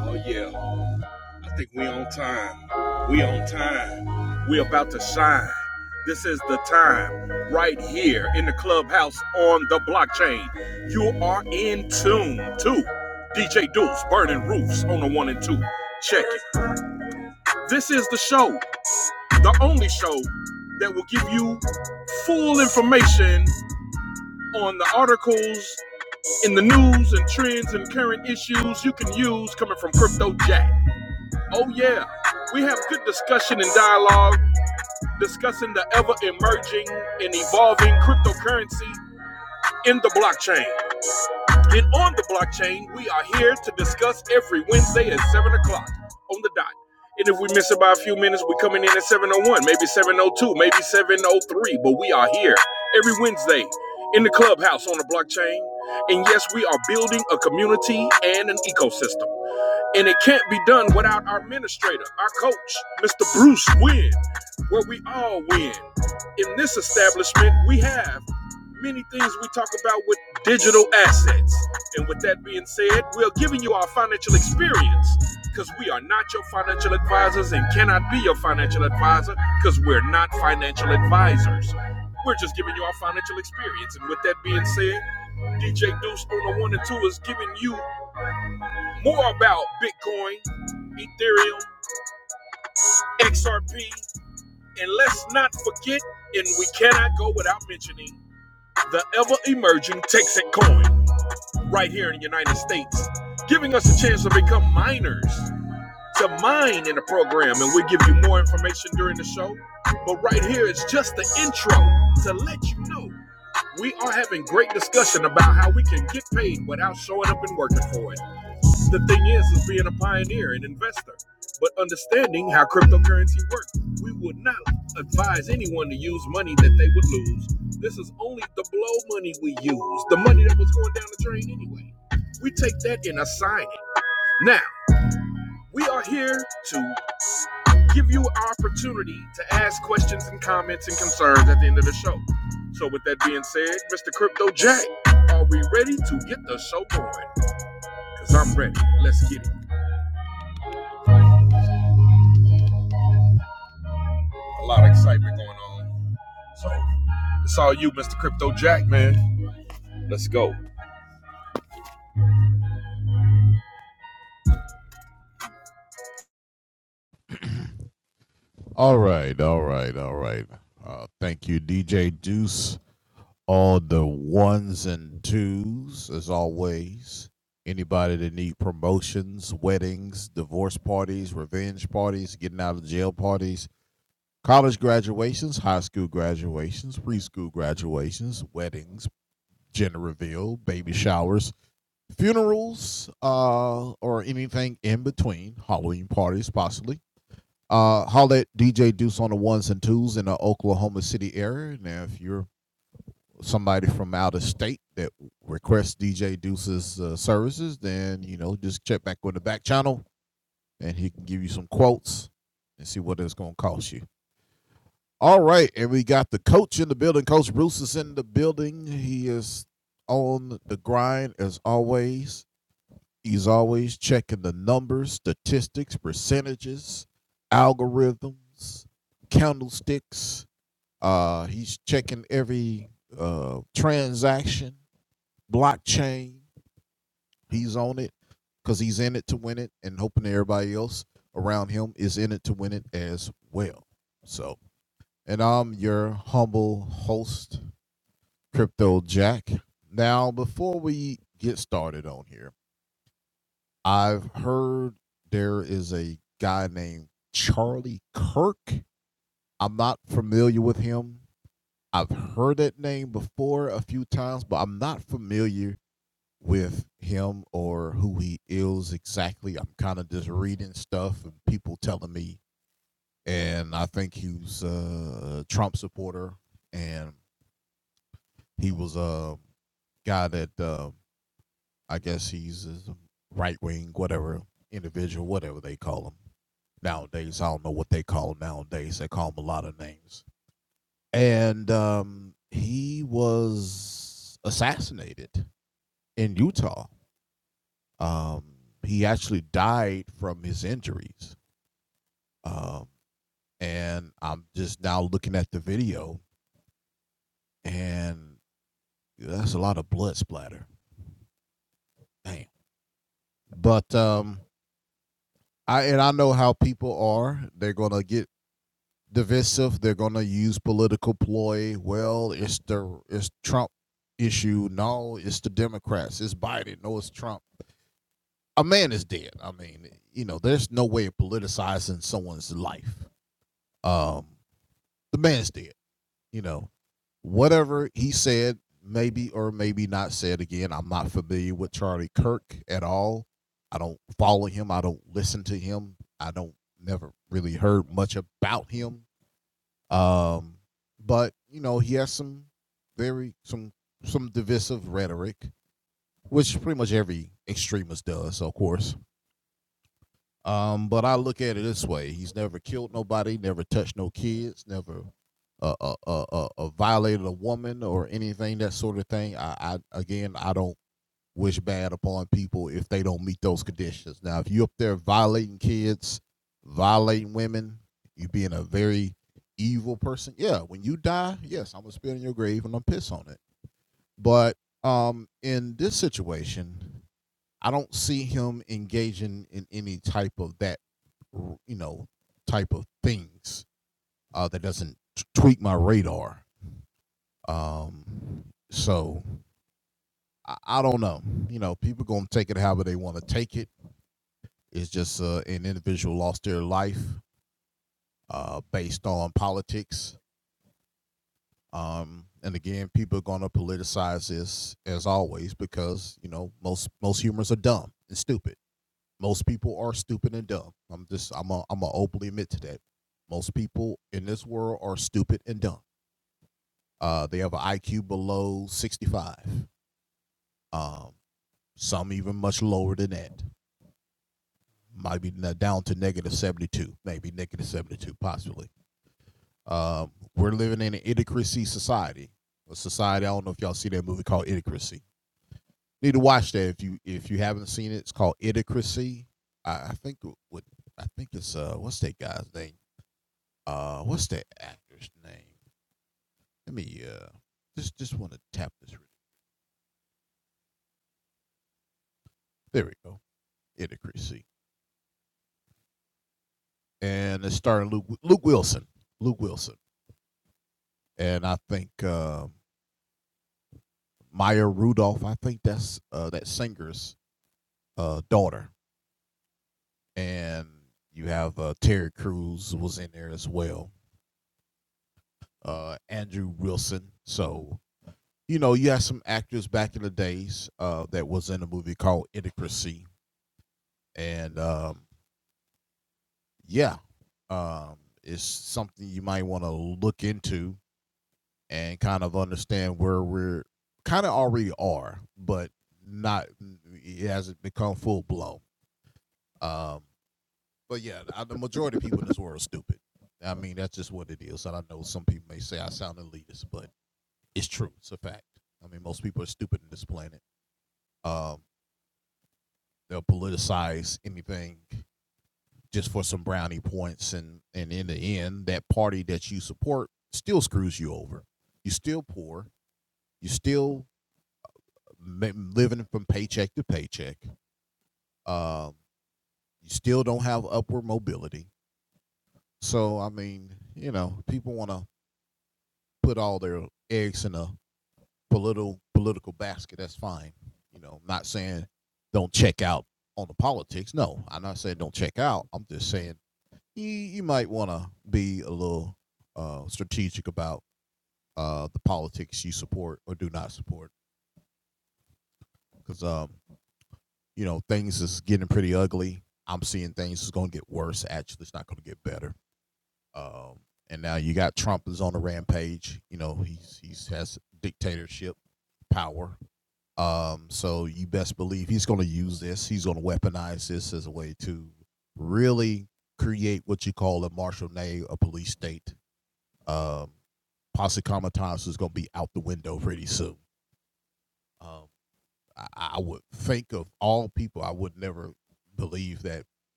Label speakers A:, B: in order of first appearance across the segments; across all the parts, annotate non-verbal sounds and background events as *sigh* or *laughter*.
A: Oh yeah, I think we on time. We on time. We about to shine. This is the time right here in the clubhouse on the blockchain. You are in tune to DJ Deuce burning roofs on the one and two. Check it. This is the show, the only show that will give you full information on the articles in the news and trends and current issues you can use coming from Crypto Jack. Oh, yeah. We have good discussion and dialogue discussing the ever emerging and evolving cryptocurrency in the blockchain. And on the blockchain. We are here to discuss every Wednesday at 7 o'clock on the dot. And if we miss it by a few minutes, we're coming in at 701, maybe 702, maybe 703. But we are here every Wednesday in the clubhouse on the blockchain. And yes, we are building a community and an ecosystem. And it can't be done without our administrator, our coach, Mr. Bruce Wynn, where we all win. In this establishment, we have many things we talk about with digital assets. And with that being said, we're giving you our financial experience because we are not your financial advisors and cannot be your financial advisor because we're not financial advisors. We're just giving you our financial experience. And with that being said, DJ Deuce on the one and two is giving you more about Bitcoin, Ethereum, XRP, and let's not forget, and we cannot go without mentioning, the ever emerging Texas coin right here in the United States, giving us a chance to become miners to mine in the program. And we'll give you more information during the show. But right here is just the intro to let you know we are having great discussion about how we can get paid without showing up and working for it. The thing is, is being a pioneer and investor, but understanding how cryptocurrency works. We would not advise anyone to use money that they would lose. This is only the blow money we use, the money that was going down the drain anyway. We take that and assign it. Now, we are here to give you our opportunity to ask questions and comments and concerns at the end of the show. So, with that being said, Mr. Crypto Jack, are we ready to get the show going? Because I'm ready. Let's get it. A lot of excitement going on. So it's all you, Mr. Crypto Jack, man. Let's go.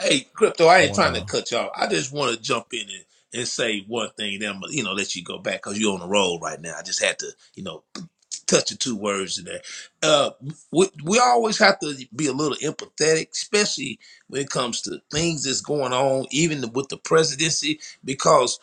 B: Hey, crypto, I ain't trying to cut y'all. I just want to jump in and, and say one thing, then I'm, gonna, you know, let you go back because you're on the roll right now. I just had to, you know, touch of two words in there. Uh, we, we always have to be a little empathetic, especially when it comes to things that's going on, even with the presidency, because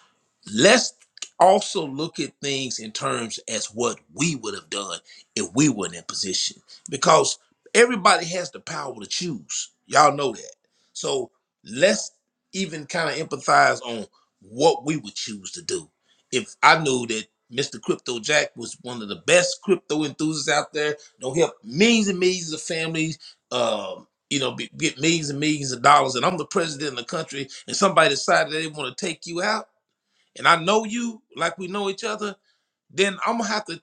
B: let's also look at things in terms as what we would have done if we weren't in that position, because everybody has the power to choose. Y'all know that. So let's even kind of empathize on what we would choose to do. If I knew that Mr. Crypto Jack was one of the best crypto enthusiasts out there. They'll help millions and millions of families, um, you know, be, get millions and millions of dollars. And I'm the president of the country, and somebody decided they want to take you out, and I know you like we know each other, then I'm gonna have to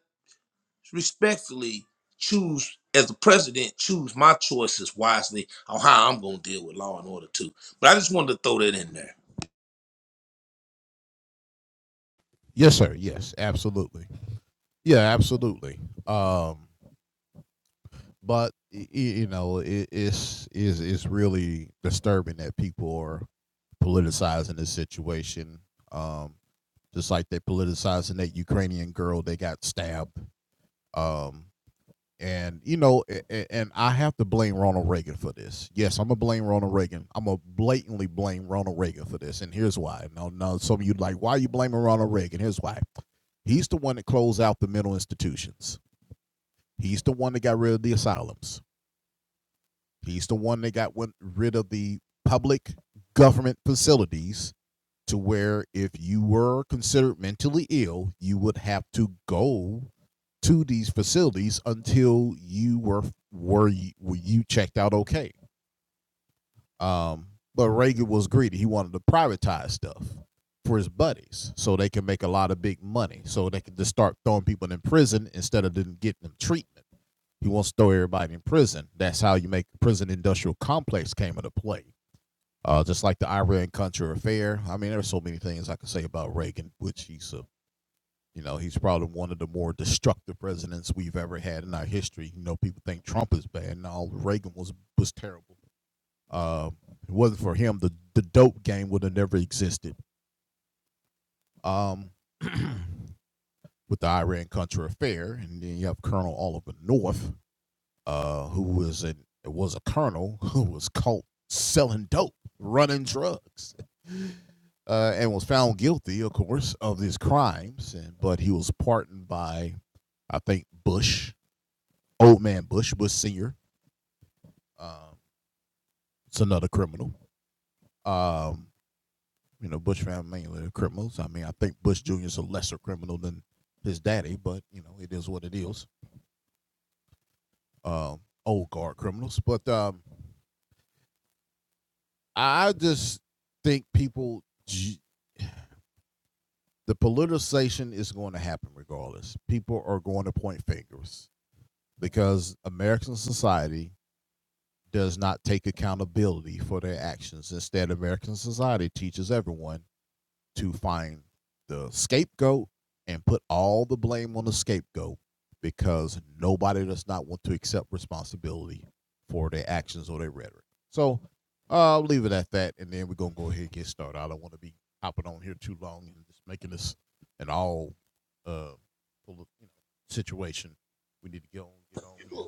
B: respectfully choose as the president, choose my choices wisely on how I'm gonna deal with law and order too. But I just wanted to throw that in there.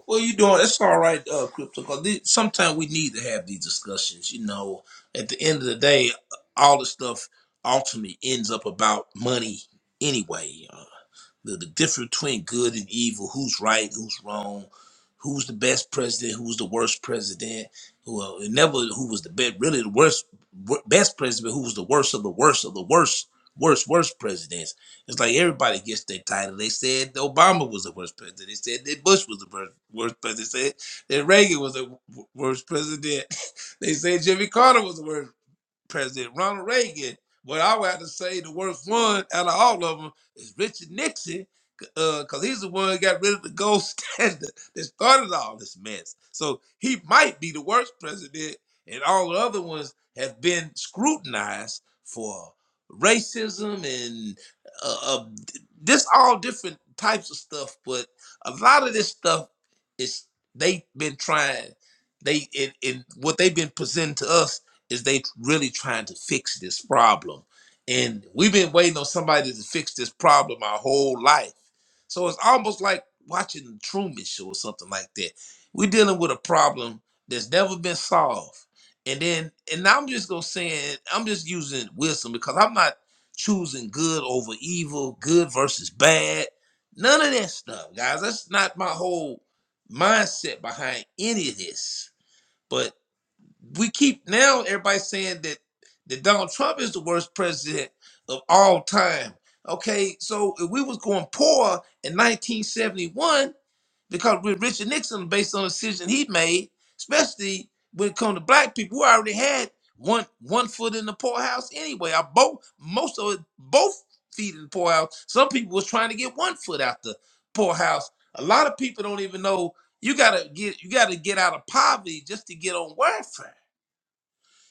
B: Well, you doing? It's all right, uh, crypto. Because sometimes we need to have these discussions. You know, at the end of the day, all the stuff ultimately ends up about money anyway. uh, the, the difference between good and evil, who's right, who's wrong, who's the best president, who's the worst president, who uh, it never who was the best, really the worst wor- best president, who was the worst of the worst of the worst, worst, worst presidents. It's like everybody gets their title. They said Obama was the worst president. They said that Bush was the worst, worst president. They said that Reagan was the w- worst president. *laughs* they said Jimmy Carter was the worst President Ronald Reagan. But I would have to say the worst one out of all of them is Richard Nixon, because uh, he's the one that got rid of the gold *laughs* standard that started all this mess. So he might be the worst president, and all the other ones have been scrutinized for racism and uh, uh, this all different types of stuff. But a lot of this stuff is they've been trying. They in and what they've been presenting to us is they really trying to fix this problem. And we've been waiting on somebody to fix this problem our whole life. So it's almost like watching the Truman Show or something like that. We're dealing with a problem that's never been solved. And then, and I'm just gonna say, I'm just using wisdom because I'm not choosing good over evil, good versus bad, none of that stuff, guys. That's not my whole mindset behind any of this. But we keep now everybody saying that that Donald Trump is the worst president of all time. Okay, so if we was going poor in 1971 because with Richard Nixon based on a decision he made, especially when it comes to black people, we already had one one foot in the poorhouse anyway. I both most of it both feet in the poorhouse. Some people was trying to get one foot out the poorhouse. A lot of people don't even know you gotta get you gotta get out of poverty just to get on welfare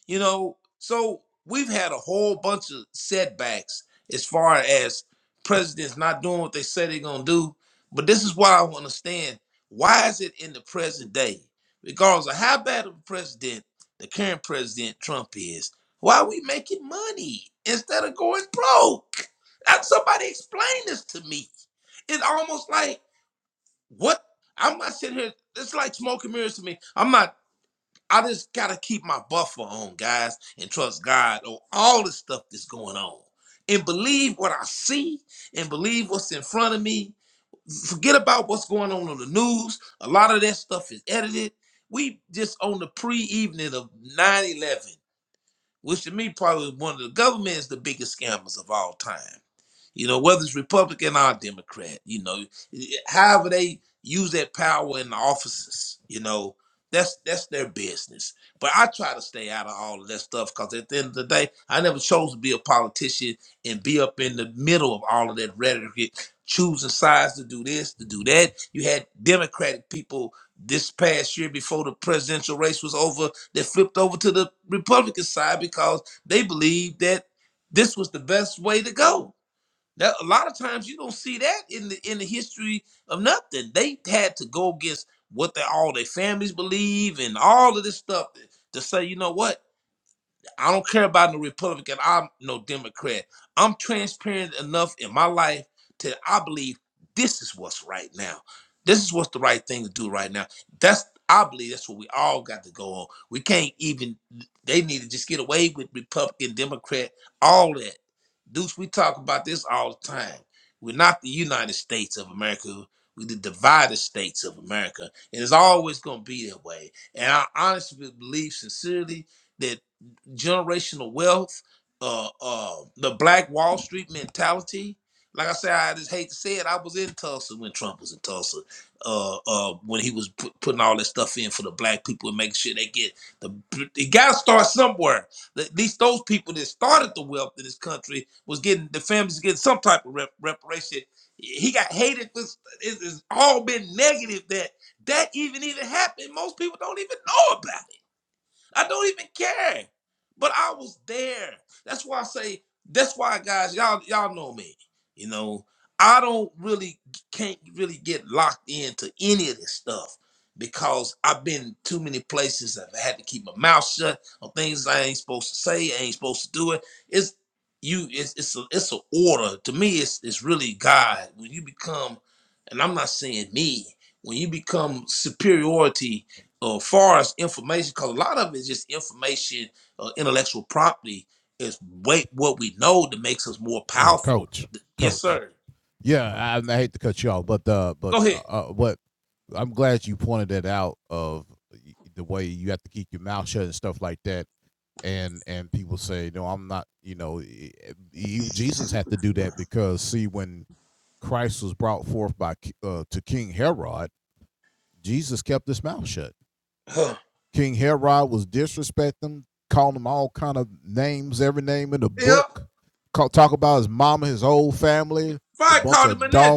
B: you know, so we've had a whole bunch of setbacks as far as presidents not doing what they say they're gonna do. But this is why I want to stand. Why is it in the present day? Regardless of how bad of a president the current president Trump is, why are we making money instead of going broke? Uh, Somebody explain this to me. It's almost like what I'm not sitting here. It's like smoke and mirrors to me. I'm not. I just gotta keep my buffer on, guys, and trust God on all the stuff that's going on. And believe what I see and believe what's in front of me. Forget about what's going on on the news. A lot of that stuff is edited. We just on the pre-evening of nine eleven which to me probably one of the government is the biggest scammers of all time. You know, whether it's Republican or Democrat, you know, however they use that power in the offices, you know, that's that's their business. But I try to stay out of all of that stuff because at the end of the day, I never chose to be a politician and be up in the middle of all of that rhetoric, choosing sides to do this, to do that. You had Democratic people this past year before the presidential race was over they flipped over to the Republican side because they believed that this was the best way to go. That a lot of times you don't see that in the in the history of nothing. They had to go against what they all their families believe and all of this stuff to say, you know what? I don't care about no Republican. I'm no Democrat. I'm transparent enough in my life to I believe this is what's right now. This is what's the right thing to do right now. That's I believe that's what we all got to go on. We can't even they need to just get away with Republican, Democrat, all that. Deuce, we talk about this all the time. We're not the United States of America. We're the divided states of America. And it's always gonna be that way. And I honestly believe sincerely that generational wealth, uh, uh, the Black Wall Street mentality. Like I said, I just hate to say it. I was in Tulsa when Trump was in Tulsa, uh, uh, when he was put, putting all this stuff in for the black people and making sure they get the. It got to start somewhere. At least those people that started the wealth in this country was getting the families getting some type of rep, reparation. He got hated. For, it's, it's all been negative that that even even happened. Most people don't even know about. I don't even care. But I was there. That's why I say, that's why guys, y'all, y'all know me. You know, I don't really can't really get locked into any of this stuff because I've been too many places. I've had to keep my mouth shut on things I ain't supposed to say, I ain't supposed to do it. It's you it's it's a it's an order. To me, it's it's really God. When you become, and I'm not saying me, when you become superiority uh, far as information, because a lot of it is just information, uh, intellectual property is wait what we know that makes us more powerful. Yes, sir. Go ahead. Huh. Yep. Fight Carter Menendez.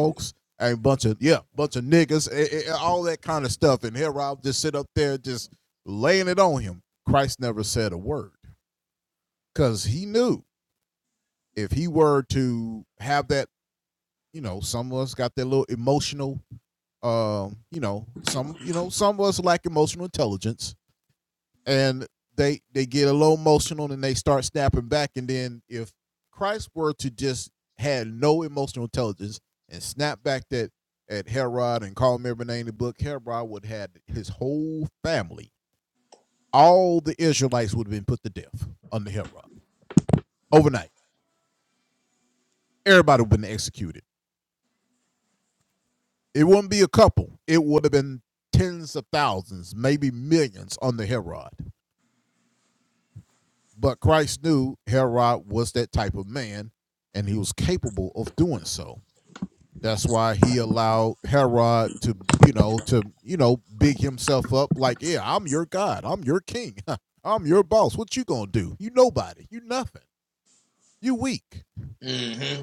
B: Mm-hmm.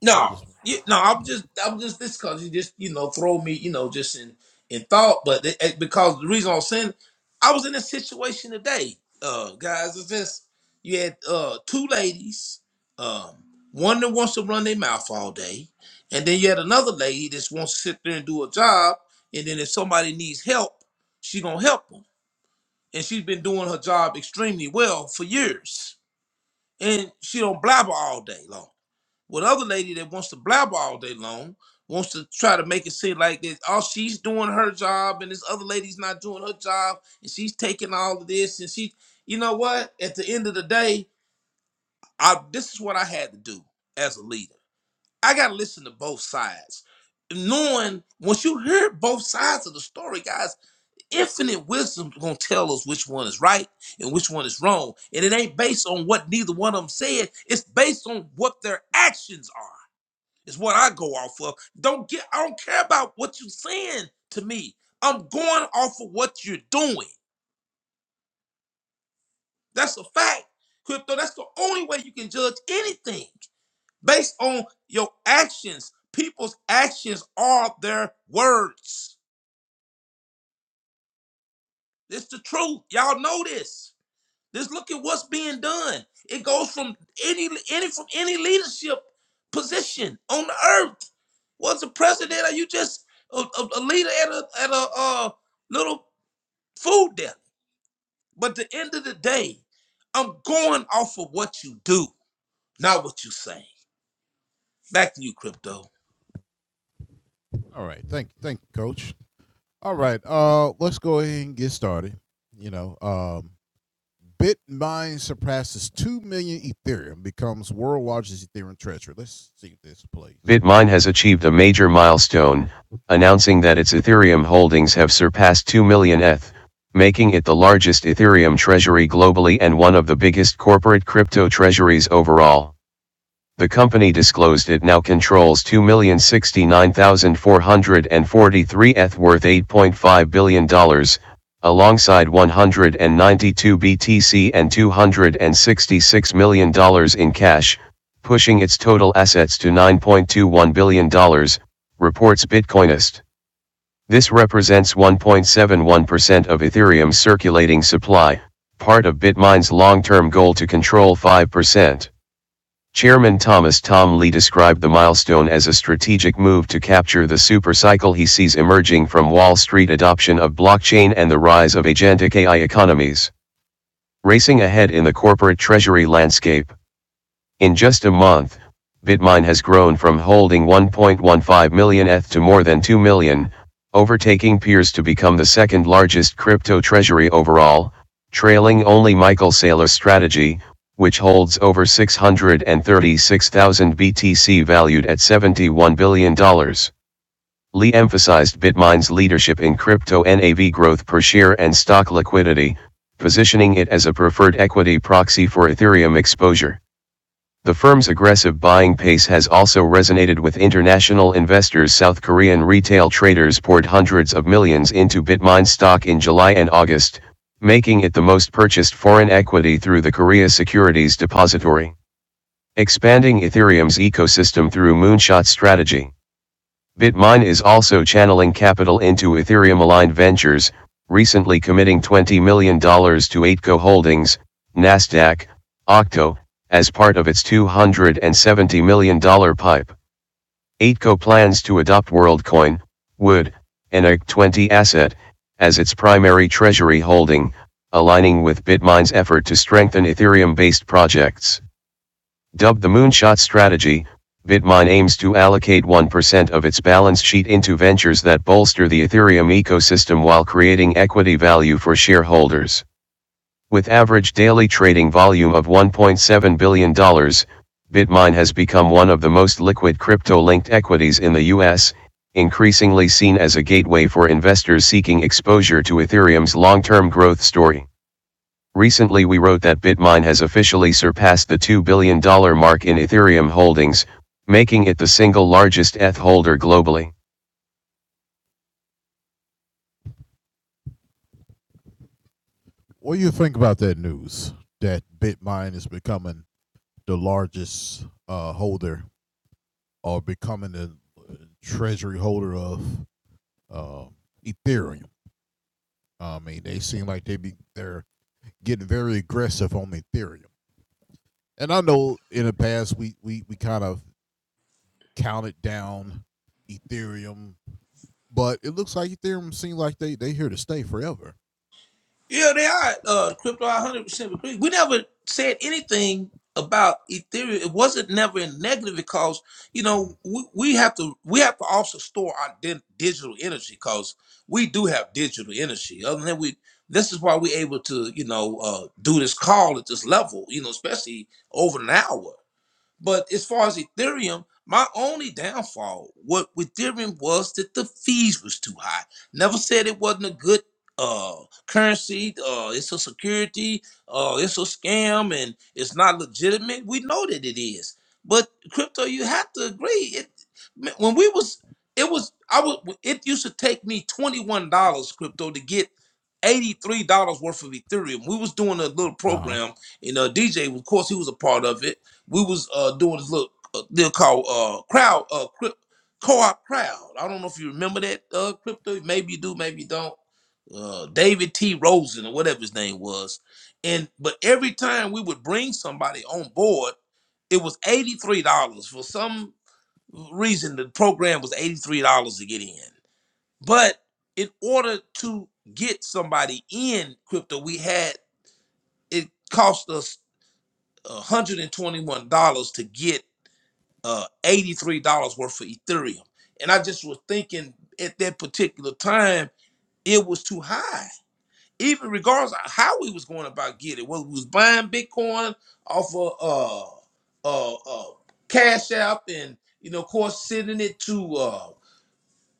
B: No, you, no, I'm just, I'm just this because you just, you know, throw me, you know, just in, in thought. But it, it- because the reason I'm saying, I was in a situation today, uh, guys. It's just you had uh two ladies, um, one that wants to run their mouth all day, and then you had another lady that wants to sit there and do a job, and then if somebody needs help, she gonna help them, and she's been doing her job extremely well for years, and she don't blabber all day long. Well, the other lady that wants to blabber all day long wants to try to make it seem like that all she's doing her job and this other lady's not doing her job and she's taking all of this and she you know what? At the end of the day, I this is what I had to do as a leader. I gotta listen to both sides. Knowing once you hear both sides of the story, guys, infinite wisdom gonna tell us which one is right and which one is wrong. And it ain't based on what neither one of them said, it's based on what their actions are is what I go off of. Don't get I don't care about what you're saying to me. I'm going off of what you're doing. That's a fact. Crypto, that's the only way you can judge anything based on your actions. People's actions are their words. It's the truth. Y'all know this. Just look at what's being done. It goes from any any from any leadership position on the earth. Was a president, or you just a, a, a leader at a at a uh, little food deli? But at the end of the day, I'm going off of what you do, not what you say. Back to you, crypto.
C: Bitmine has achieved a major milestone, announcing that its Ethereum holdings have surpassed 2 million ETH, making it the largest Ethereum treasury globally and one of the biggest corporate crypto treasuries overall the company disclosed it now controls 2,069,443 ETH worth $8.5 billion, dollars, alongside 192 BTC and $266 million dollars in cash, pushing its total assets to $9.21 billion, dollars, reports Bitcoinist. This represents 1.71% of Ethereum's circulating supply, part of Bitmain's long term goal to control 5%. Chairman Thomas Tom Lee described the milestone as a strategic move to capture the supercycle he sees emerging from Wall Street adoption of blockchain and the rise of agentic AI economies, racing ahead in the corporate treasury landscape. In just a month, Bitmine has grown from holding 1.15 million ETH to more than 2 million, overtaking peers to become the second largest crypto treasury overall, trailing only Michael Saylor's strategy, which holds over 636,000 BTC valued at $71 billion. dollars. Lee emphasized Bitmain's leadership in crypto NAV growth per share and stock liquidity, positioning it as a preferred equity proxy for Ethereum exposure. The firm's aggressive buying pace has also resonated with international investors. South Korean retail traders poured hundreds of millions into Bitmain stock in July and August, making it the most purchased foreign equity through the Korea Securities Depository, expanding Ethereum's ecosystem through Moonshot strategy. Bitmain is also channeling capital into Ethereum aligned ventures, recently committing $20 million dollars to Aitco Holdings, NASDAQ, Octo, as part of its $270 million dollars pipe. Aitco plans to adopt WorldCoin, Wood, an ARC20 asset, as its primary treasury holding, aligning with Bitmain's effort to strengthen Ethereum based projects. Dubbed the Moonshot Strategy, Bitmine aims to allocate 1% of its balance sheet into ventures that bolster the Ethereum ecosystem while creating equity value for shareholders. With average daily trading volume of $1.7 billion, dollars, Bitmine has become one of the most liquid crypto linked equities in the US, increasingly seen as a gateway for investors seeking exposure to Ethereum's long term growth story. Recently we wrote that Bitmain has officially surpassed the $2 billion dollar mark in Ethereum holdings, making it the single largest ETH holder globally.
B: Yeah, they are uh, crypto. I hundred percent agree. We never said anything about Ethereum. It wasn't never in negative because you know we, we have to we have to also store our di- digital energy because we do have digital energy. Other than we, this is why we're able to you know uh, do this call at this level. You know, especially over an hour. But as far as Ethereum, my only downfall what with Ethereum was that the fees was too high. Never said it wasn't a good uh currency, uh it's a security, uh it's a scam and it's not legitimate. We know that it is. But crypto you have to agree. It when we was it was I would it used to take me $21 crypto to get $83 worth of Ethereum. We was doing a little program and uh DJ of course he was a part of it we was uh doing this little uh, deal called uh crowd uh crypt, co-op crowd. I don't know if you remember that uh crypto. Maybe you do, maybe you don't. Uh, David T. Rosen or whatever his name was, and but every time we would bring somebody on board, it was eighty three dollars for some reason. The program was eighty three dollars to get in, but in order to get somebody in crypto, we had it cost us $121 to get uh, $83 worth of Ethereum. And I just was thinking at that particular time, it was too high. Even regardless of how we was going about getting it, whether we was buying Bitcoin off of uh, uh, uh, Cash App and, you know, of course, sending it to uh,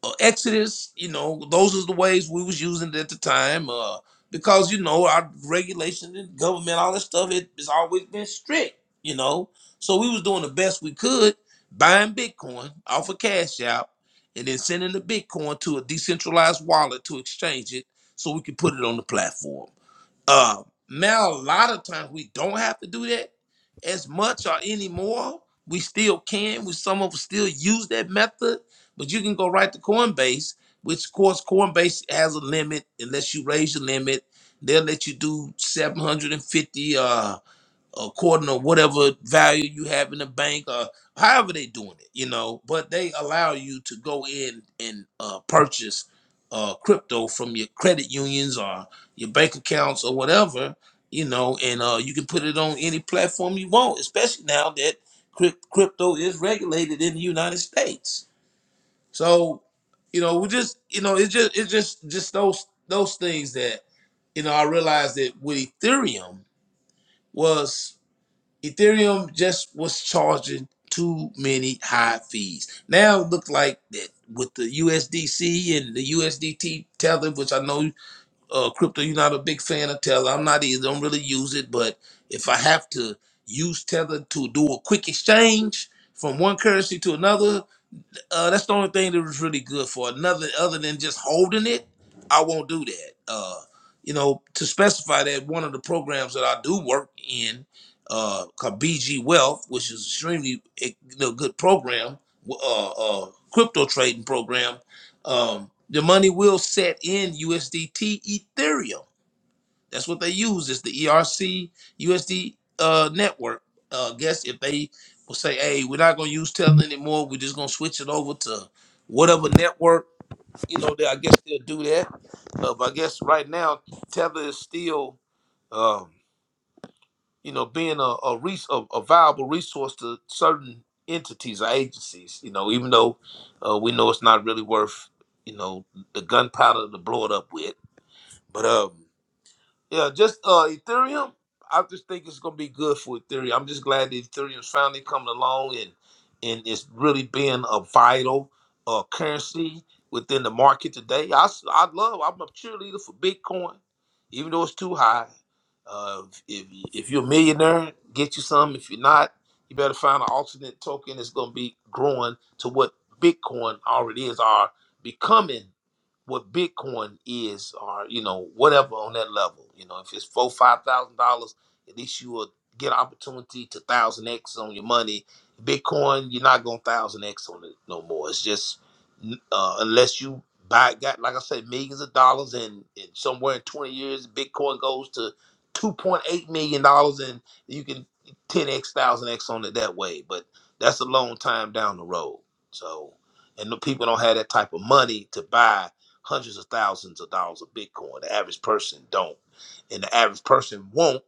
B: uh, Exodus, you know, those are the ways we was using it at the time. Uh, because you know our regulation and government, all that stuff, it has always been strict. You know, so we was doing the best we could, buying Bitcoin off of Cash App, and then sending the Bitcoin to a decentralized wallet to exchange it, so we could put it on the platform. Uh, now a lot of times we don't have to do that as much or anymore. We still can. We some of us still use that method, but you can go right to Coinbase, which of course Coinbase has a limit. Unless you raise your limit, they'll let you do 750 according to whatever value you have in the bank or however they doing it, you know, but they allow you to go in and uh, purchase uh, crypto from your credit unions or your bank accounts or whatever, you know, and uh, you can put it on any platform you want, especially now that cryp- crypto is regulated in the United States. So, you know, we just, you know, it's just, it's just, just those, those things that, you know, I realized that with Ethereum was Ethereum just was charging too many high fees. Now it looks like that with the USDC and the USDT Tether, which I know uh, crypto, you're not a big fan of Tether. I'm not either. Don't really use it, but if I have to use Tether to do a quick exchange from one currency to another, uh, that's the only thing that was really good for another other than just holding it i won't do that uh, you know to specify that one of the programs that i do work in uh, called bg wealth which is extremely eh, you know, good program uh, uh, crypto trading program um, the money will set in usdt ethereum that's what they use. It's the ERC USD uh, network. Uh, I guess if they will say, "Hey, we're not going to use Tesla anymore. We're just going to switch it over to whatever network," you know, they, I guess they'll do that. Uh, but I guess right now Tether is still, um, you know, being a a, res- a a viable resource to certain entities or agencies. You know, even though uh, we know it's not really worth, you know, the gunpowder to blow it up with. But um. Yeah, just uh Ethereum. I just think it's gonna be good for Ethereum. I'm just glad that Ethereum's finally coming along and and it's really being a vital uh currency within the market today. I s- I love. I'm a cheerleader for Bitcoin, even though it's too high. Uh, if if you're a millionaire, get you some. If you're not, you better find an alternate token that's gonna be growing to what Bitcoin already is, are becoming what Bitcoin is, or you know, whatever on that level. You know, if it's four, five thousand dollars, at least you will get an opportunity to thousand x on your money. Bitcoin, you're not going to thousand x on it no more. It's just uh, unless you buy got like I said, millions of dollars, and, and somewhere in twenty years, Bitcoin goes to two point eight million dollars, and you can ten x, thousand x on it that way. But that's a long time down the road. So, and the people don't have that type of money to buy hundreds of thousands of dollars of Bitcoin. The average person don't, and the average person won't.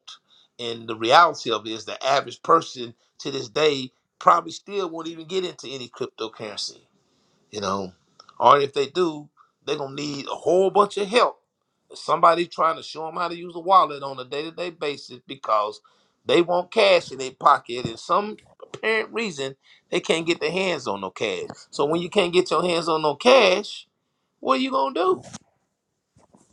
B: And the reality of it is, the average person to this day probably still won't even get into any cryptocurrency. You know, or if they do, they're gonna need a whole bunch of help. Somebody trying to show them how to use a wallet on a day-to-day basis because they want cash in their pocket, and some apparent reason they can't get their hands on no cash. So when you can't get your hands on no cash, what are you gonna do?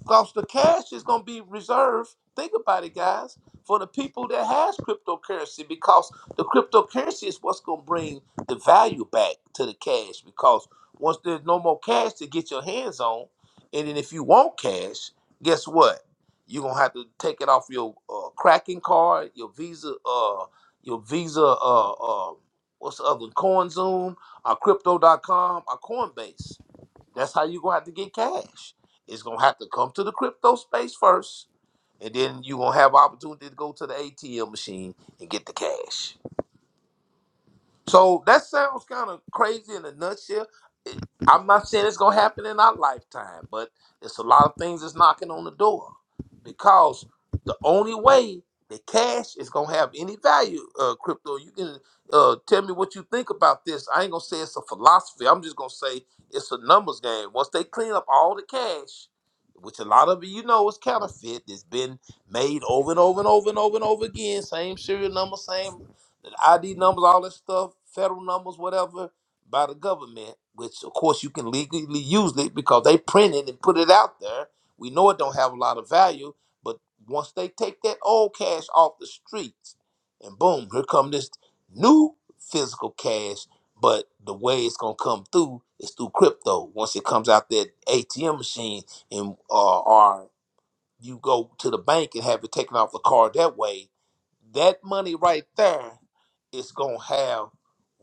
B: Because the cash is going to be reserved, think about it, guys, for the people that has cryptocurrency because the cryptocurrency is what's going to bring the value back to the cash because once there's no more cash to get your hands on, and then if you want cash, guess what? You're going to have to take it off your uh, cracking card, your Visa, uh, your Visa, uh, uh, what's the other, one? CoinZoom, or Crypto.com, or Coinbase that's how you're gonna have to get cash. It's gonna have to come to the crypto space first, and then you're gonna have opportunity to go to the ATM machine and get the cash. So that sounds kind of crazy in a nutshell. It- I'm not saying it's gonna happen in our lifetime, but it's a lot of things that's knocking on the door because the only way that cash is gonna have any value, uh, crypto. You can uh, tell me what you think about this. I ain't gonna say it's a philosophy. I'm just gonna say it's a numbers game. Once they clean up all the cash, which a lot of it, you know is counterfeit, it's been made over and over and over and over and over again. Same serial number, same ID numbers, all that stuff, federal numbers, whatever, by the government, which of course you can legally use it because they print it and put it out there. We know it don't have a lot of value, but once they take that old cash off the streets, and boom, here come this new physical cash. But the way it's gonna come through is through crypto. Once it comes out that ATM machine and uh, or you go to the bank and have it taken off the card that way, that money right there is going to have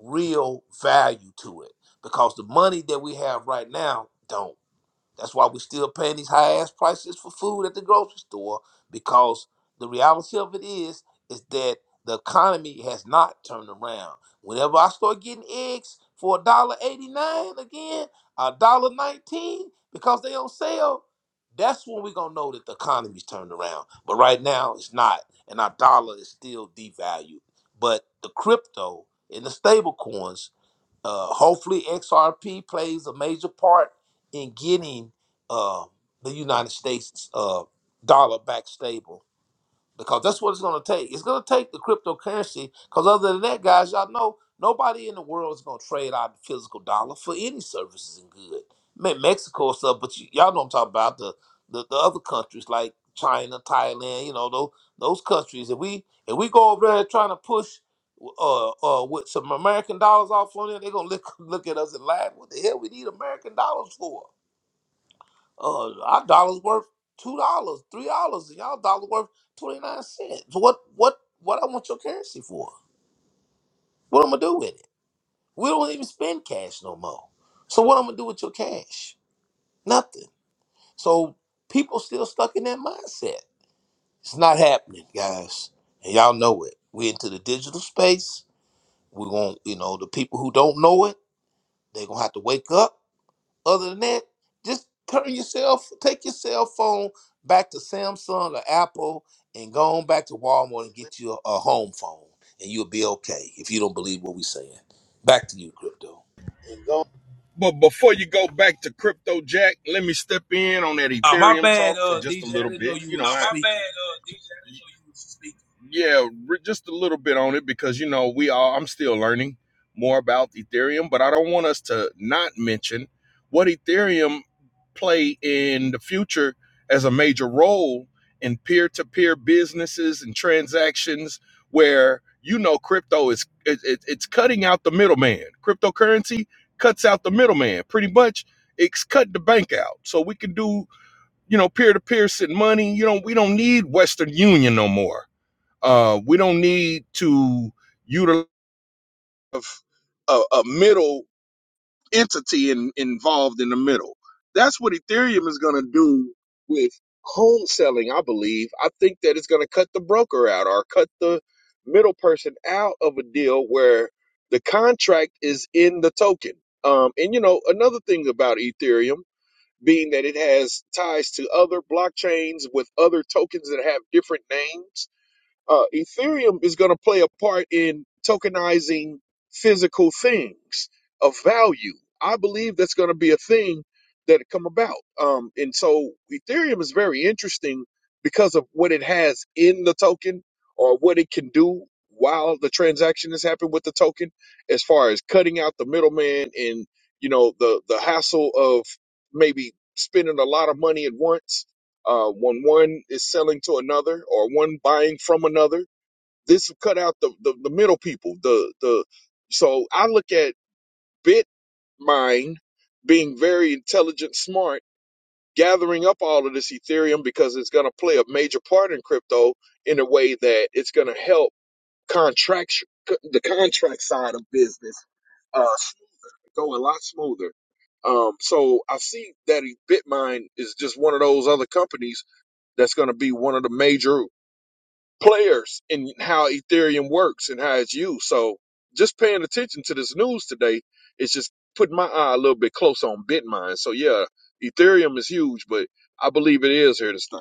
B: real value to it because the money that we have right now don't. That's why we're still paying these high ass prices for food at the grocery store because the reality of it is is that the economy has not turned around. Whenever I start getting eggs for eighty nine again, one dollar nineteen because they on sale, that's when we're gonna know that the economy's turned around. But right now it's not, and our dollar is still devalued. But the crypto and the stable coins. Uh, hopefully, XRP plays a major part in getting uh, the United States uh, dollar back stable because that's what it's going to take. It's going to take the cryptocurrency because other than that, guys, y'all know nobody in the world is going to trade out the physical dollar for any services and good. Me- Mexico and stuff, but you, y'all know what I'm talking about the, the the other countries like China, Thailand, you know those those countries. If we if we go over there trying to push uh uh with some American dollars off on there, they're gonna look *laughs* look at us and laugh. What the hell we need American dollars for? Uh, our dollar's worth two dollars, three dollars, and y'all dollar worth twenty nine cents. So What what what I want your currency for? What I'm gonna do with it? We don't even spend cash no more. So what I'm gonna do with your cash? Nothing. So people still stuck in that mindset. It's not happening, guys, and y'all know it. We into the digital space. We're going, you know, the people who don't know it, they're gonna have to wake up Other than that, just turn yourself, take your cell phone back to Samsung or Apple, and go on back to Walmart and get you a, a home phone, and you'll be okay if you don't believe what we're saying. Back to you, crypto.
A: But before you go back to Crypto Jack, let me step in on that
B: Oh, my
A: Ethereum
B: bad,
A: talk for
B: uh,
A: just a
B: DJ. I
A: little
B: didn't know
A: bit.
B: you
A: You know, oh,
B: was
A: I, my bad,
B: speaking.
A: uh, D J. Yeah, re- just a little bit on it because you know we all. I'm still learning more about Ethereum, but I don't want us to not mention what Ethereum play in the future as a major role in peer-to-peer businesses and transactions where you know crypto is it, it- it's cutting out the middleman cryptocurrency cuts out the middleman pretty much it's cut the bank out so we can do you know peer-to-peer send money you know we don't need western union no more uh, we don't need to utilize a, a middle entity in, involved in the middle. That's what Ethereum is going to do with home selling, I believe. I think that it's going to cut the broker out or cut the middle person out of a deal where the contract is in the token. Um, and you know, another thing about Ethereum being that it has ties to other blockchains with other tokens that have different names uh, Ethereum is going to play a part in tokenizing physical things of value. I believe that's going to be a thing that come about. Um, and so Ethereum is very interesting because of what it has in the token or what it can do while the transaction is happening with the token, as far as cutting out the middleman and you know the the hassle of maybe spending a lot of money at once uh, when one is selling to another or one buying from another. This will cut out the, the, the middle people. The the so I look at Bitmine being very intelligent, smart, gathering up all of this Ethereum because it's going to play a major part in crypto in a way that it's going to help contract the contract side of business uh, go a lot smoother. Um, so I see that Bitmine is just one of those other companies that's going to be one of the major players and how Ethereum works and how it's used. So just paying attention to this news today is just putting my eye a little bit close on Bitmine. So yeah, Ethereum is huge, but I believe it is here to stay.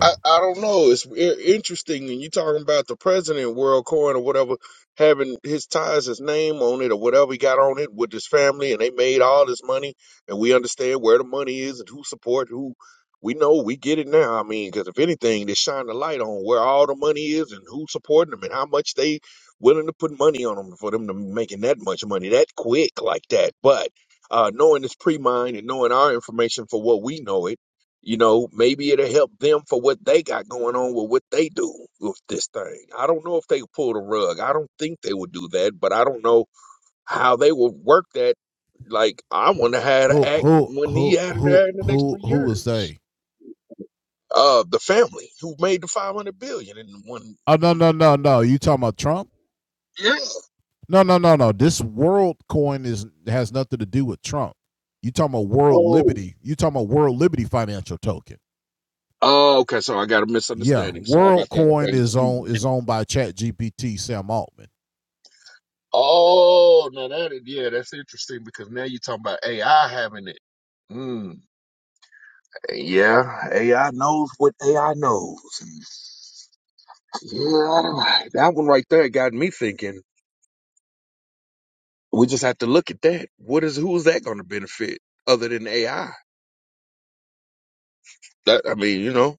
A: I, I don't know. It's i- interesting, and you talking about the president, World Coin or whatever, having his ties, his name on it, or whatever he got on it with his family, and they made all this money, and we understand where the money is and who support who. We know we get it now. I mean, because if anything, they shine the light on where all the money is and who's supporting them and how much they willing to put money on them for them to making that much money that quick like that. But uh, knowing this pre-mine and knowing our information for what we know it you know, maybe it'll help them for what they got going on with what they do with this thing. I don't know if they pull the rug. I don't think they would do that, but I don't know how they would work that. Like, I wonder how to act when he had it there in the next three years. Uh, the family who made the five hundred billion in one one. Yeah. Oh. Oh, okay. So I got a misunderstanding. Sorry about that. Okay. excuse me. Oh, now that is, yeah, that's interesting because now you're talking about AI having it. Mm. Yeah, AI knows what AI knows. And Yeah, that one right there got me thinking. We just have to look at that. What is who is that going to benefit other than AI? That I mean, you know.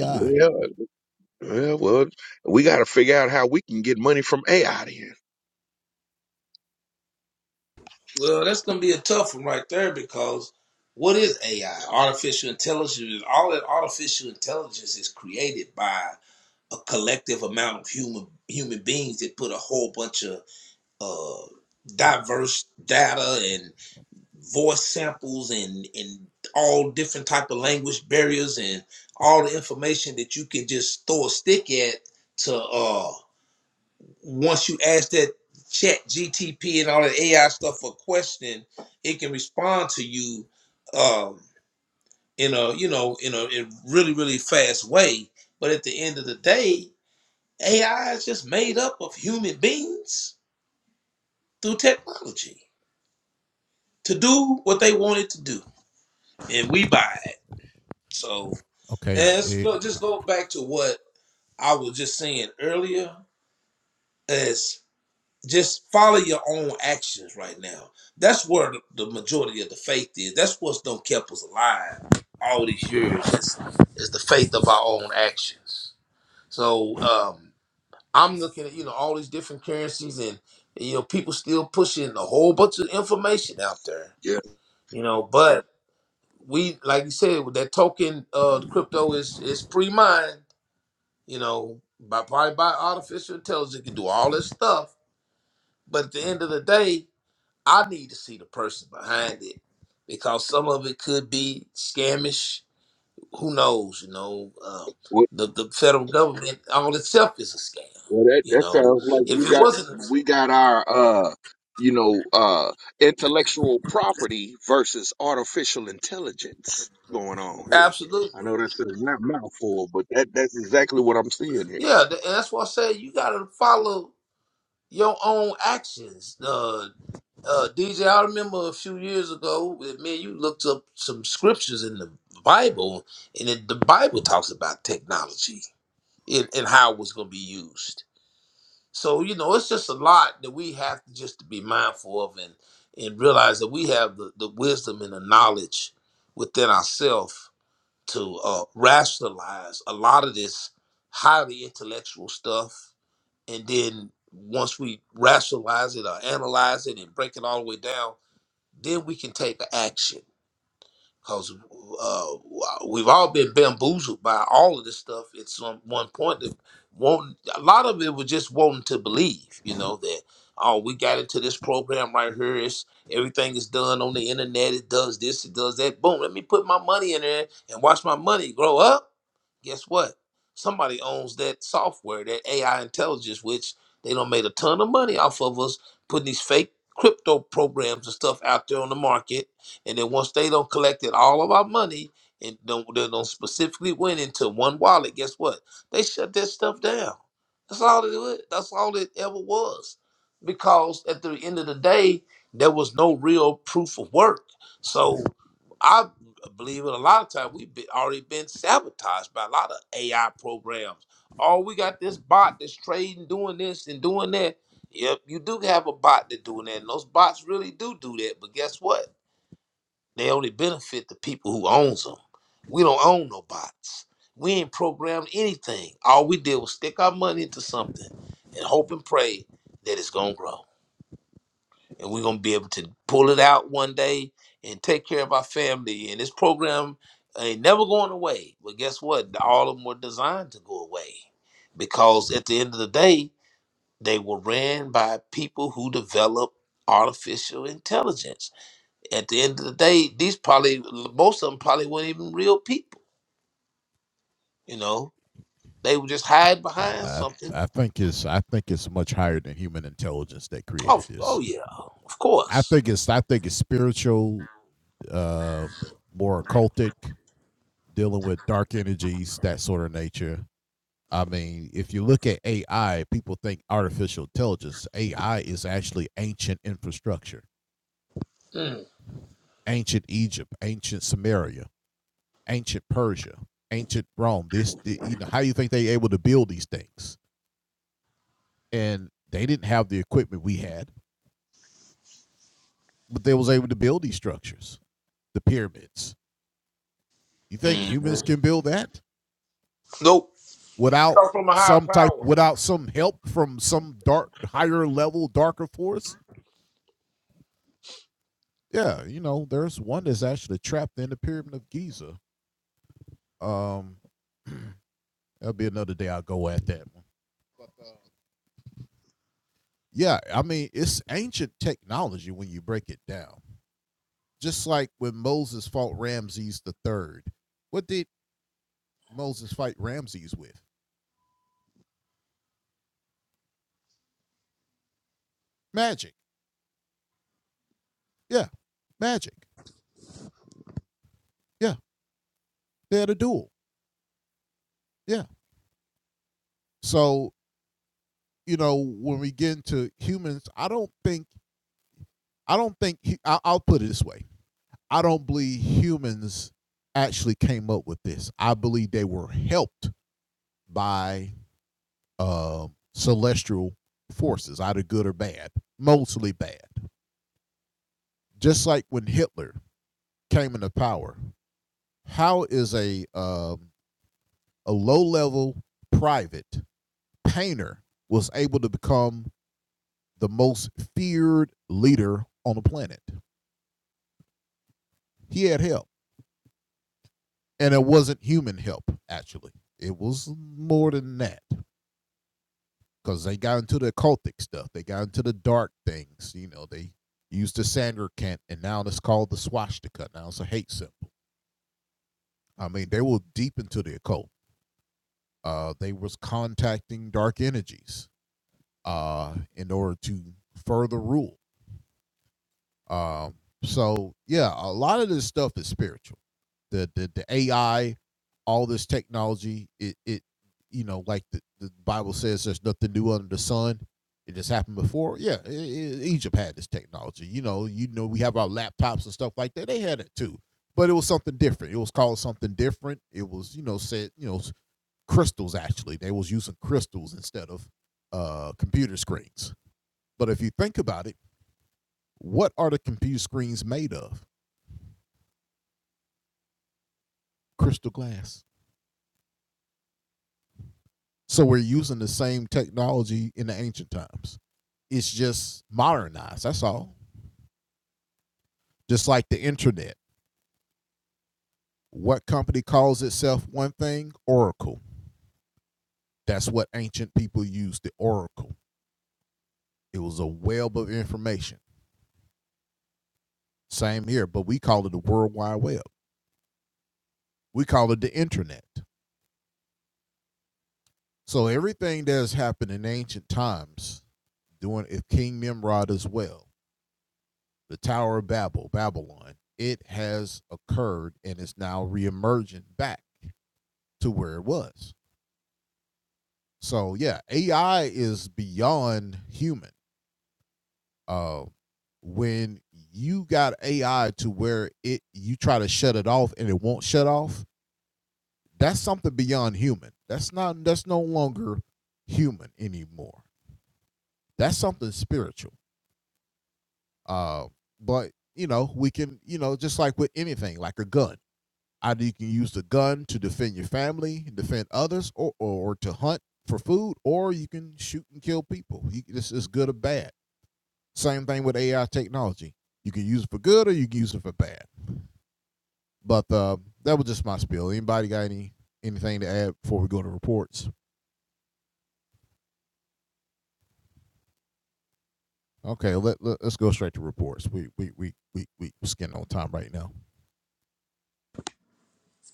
A: Yeah, yeah. Well, we got to figure out how we can get money from AI. Then.
B: Well, that's gonna be a tough one right there because what is AI? Artificial intelligence. All that artificial intelligence is created by a collective amount of human human beings that put a whole bunch of uh, diverse data and voice samples and and all different type of language barriers and all the information that you can just throw a stick at to uh once you ask that chat gtp and all that ai stuff a question it can respond to you um in a you know in a in really really fast way but at the end of the day ai is just made up of human beings through technology to do what they wanted to do, and we buy it. So let's go. Just go back to what I was just saying earlier. Is just follow your own actions right now. That's where the majority of the faith is. That's what's done kept us alive all these years. Is, is the faith of our own actions. So um, I'm looking at you know all these different currencies, and you know people still pushing a whole bunch of information out there.
A: Yeah.
B: You know, but we like you said with that token uh crypto is is pre-mined you know by probably by artificial intelligence it can do all this stuff but at the end of the day i need to see the person behind it because some of it could be scamish who knows you know um, the, the federal government all itself is a scam
A: Well, that
B: you
A: that
B: know
A: sounds like
B: if
A: we
B: it
A: got
B: wasn't
A: we got our uh you know uh intellectual property versus artificial intelligence going on here.
B: absolutely
A: I know that's a mouthful, but that that's exactly what I'm seeing here.
B: yeah th- and that's why i say you got to follow your own actions uh, uh, DJ, I remember a few years ago, eh, man, you looked up some scriptures in the Bible, and it, the Bible talks about technology and, and how it was going to be used. So, you know, it's just a lot that we have to just to be mindful of and, and realize that we have the, the wisdom and the knowledge within ourselves to uh, rationalize a lot of this highly intellectual stuff. And then once we rationalize it or analyze it and break it all the way down, then we can take action because uh, we've all been bamboozled by all of this stuff at some one point. That won't. a lot of it was just wanting to believe, you know, that oh, we got into this program right here. It's everything is done on the internet. It does this, it does that. Boom, let me put my money in there and watch my money grow up guess what? Somebody owns that software, that AI intelligence, which they done made a ton of money off of us putting these fake crypto programs and stuff out there on the market. And then once they don't collected all of our money and don't, they don't specifically went into one wallet, guess what? They shut that stuff down. That's all it was. That's all it ever was. Because at the end of the day, there was no real proof of work. So I believe it. A lot of times we've been, already been sabotaged by a lot of AI programs. Oh, we got this bot that's trading, doing this and doing that. Yep, you do have a bot that's doing that, and those bots really do do that. But guess what? They only benefit the people who owns them. We don't own no bots. We ain't programmed anything. All we did was stick our money into something and hope and pray that it's gonna grow and we're gonna be able to pull it out one day and take care of our family. And this program ain't never going away. But guess what? All of them were designed to go away because at the end of the day, they were ran by people who develop artificial intelligence. At the end of the day, these probably most of them probably weren't even real people. You know, they were just hide behind something. Oh, oh yeah, of course. Mm. Mhm. Nope. Talk from a higher power.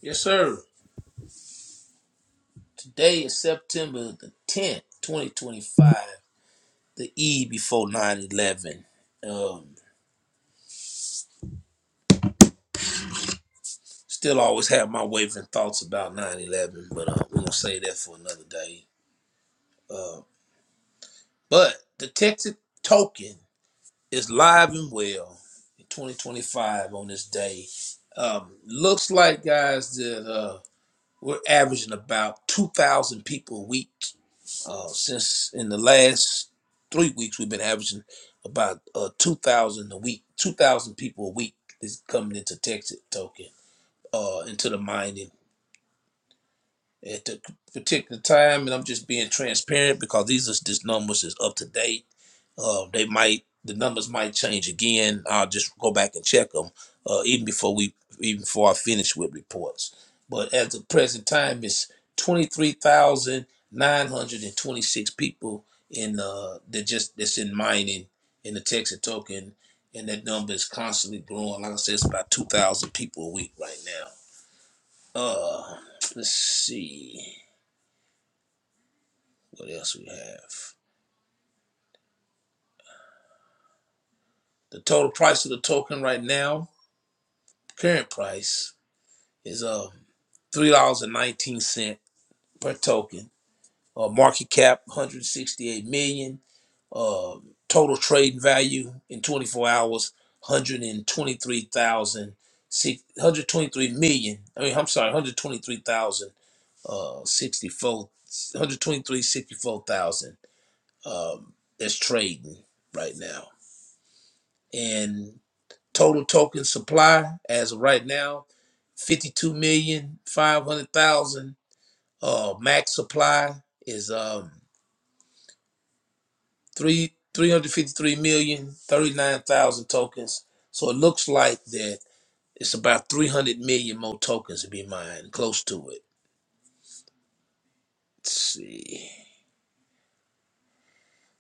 B: Yes, sir. Today is September the 10th, 2025, the eve before 9 11. Um, still always have my wavering thoughts about 9 11, but uh, we're going to say that for another day. Uh, but the Texas token is live and well in 2025 on this day. Um, looks like, guys, that uh, we're averaging about 2,000 people a week Uh, since in the last three weeks, we've been averaging about uh, 2,000 a week, 2,000 people a week is coming into Texas token, uh, into the mining at the particular time. And I'm just being transparent because these are, this numbers is up to date uh, they might the numbers might change again. I'll just go back and check them uh, even before we even before I finish with reports. But at the present time, it's twenty three thousand nine hundred and twenty six people in uh that just that's in mining in the Texas token, and that number is constantly growing. Like I said, it's about two thousand people a week right now. Uh, let's see what else we have. The total price of the token right now, current price, is uh, three dollars and nineteen cent per token. Uh, market cap 168 million. Uh, total trade value in 24 hours one hundred and twenty-three thousand six hundred twenty-three million. I mean, I'm sorry, 123,000. Uh, 64, 123, Um, that's trading right now. And total token supply as of right now fifty-two million five hundred thousand. Uh, max supply is um, three three hundred fifty three million thirty nine thousand tokens. So it looks like that it's about three hundred million more tokens to be mined, close to it. Let's see.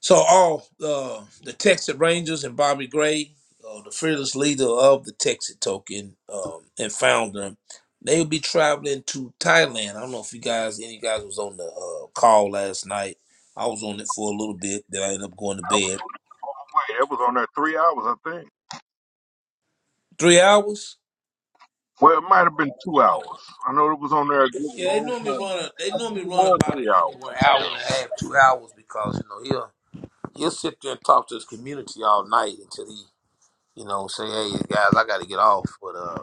B: So all uh, the Texas Rangers and Bobby Gray, uh, the fearless leader of the Texas token um, and founder, they'll be traveling to Thailand. I don't know if you guys, any guys, was on the uh, call last night. I was on it for a little bit, then I ended up going to bed Three hours? Oh. Yeah, they normally run. A, they normally run about a- anywhere hour and a half, two hours, because you know he'll he'll sit there and talk to his community all night until he, you know, say, "Hey guys, I got to get off." But uh,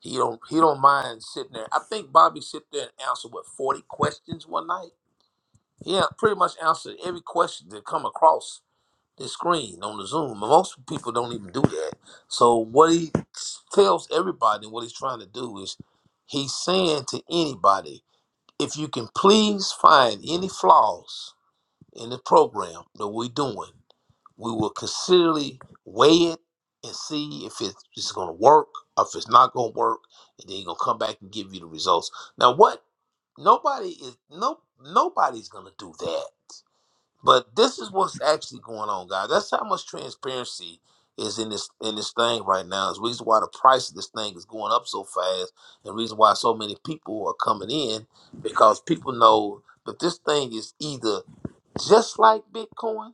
B: he don't he don't mind sitting there. I think Bobby sit there and answer what forty questions one night. Yeah, pretty much answered every question that come across the screen on the Zoom. And Most people don't even do that. So what he tells everybody, what he's trying to do is, he's saying to anybody, if you can please find any flaws in the program that we're doing, we will considerably weigh it and see if it- it's going to work or if it's not going to work, and then he's going to come back and give you the results. Now, what nobody is no nobody's going to do that. But this is what's actually going on, guys. That's how much transparency is in this in this thing right now. Is the reason why the price of this thing is going up so fast, and reason why so many people are coming in because people know that this thing is either just like Bitcoin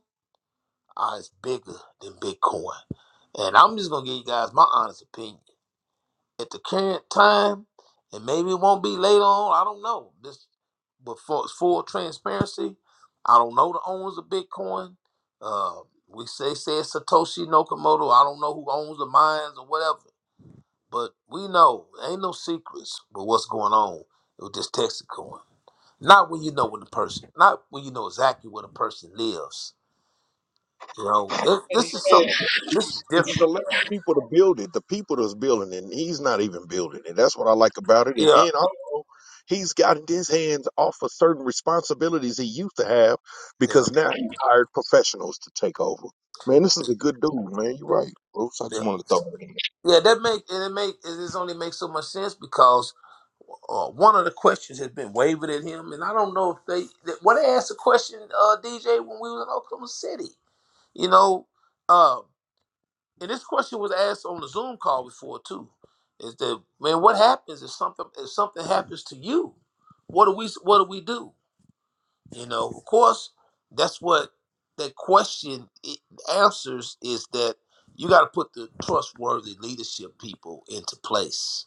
B: or it's bigger than Bitcoin. And I'm just gonna give you guys my honest opinion at the current time, and maybe it won't be later on. I don't know. This, but for full transparency, I don't know the owners of Bitcoin. Uh, we say say it's Satoshi Nakamoto. I don't know who owns the mines or whatever, but we know ain't no secrets. with what's going on with this Texas coin? Not when you know when the person, not when you know exactly where the person lives. You know, this,
A: And, he,
B: this is
A: and
B: something. This is
A: he's he's
B: different,
A: allowing
B: man.
A: people to build it, the people that's building it, and he's not even building it. That's what I like about it. And
B: Yeah,
A: then also, he's gotten his hands off of certain responsibilities he used to have
B: Yeah,
A: because now he hired professionals to take over. Man, this is a good dude, man. You're right, Bruce. I
B: yeah.
A: just wanted to throw that in.
B: Yeah, that make and it make it just only makes so much sense because uh, one of the questions has been wavered at him, and I don't know if they that, well they asked a question uh, DJ when we was in Oklahoma City, you know, uh, and this question was asked on the Zoom call before too. Is that man? What happens if something if something happens to you? What do we what do we do? You know, of course, that's what that question i- answers is that you got to put the trustworthy leadership people into place.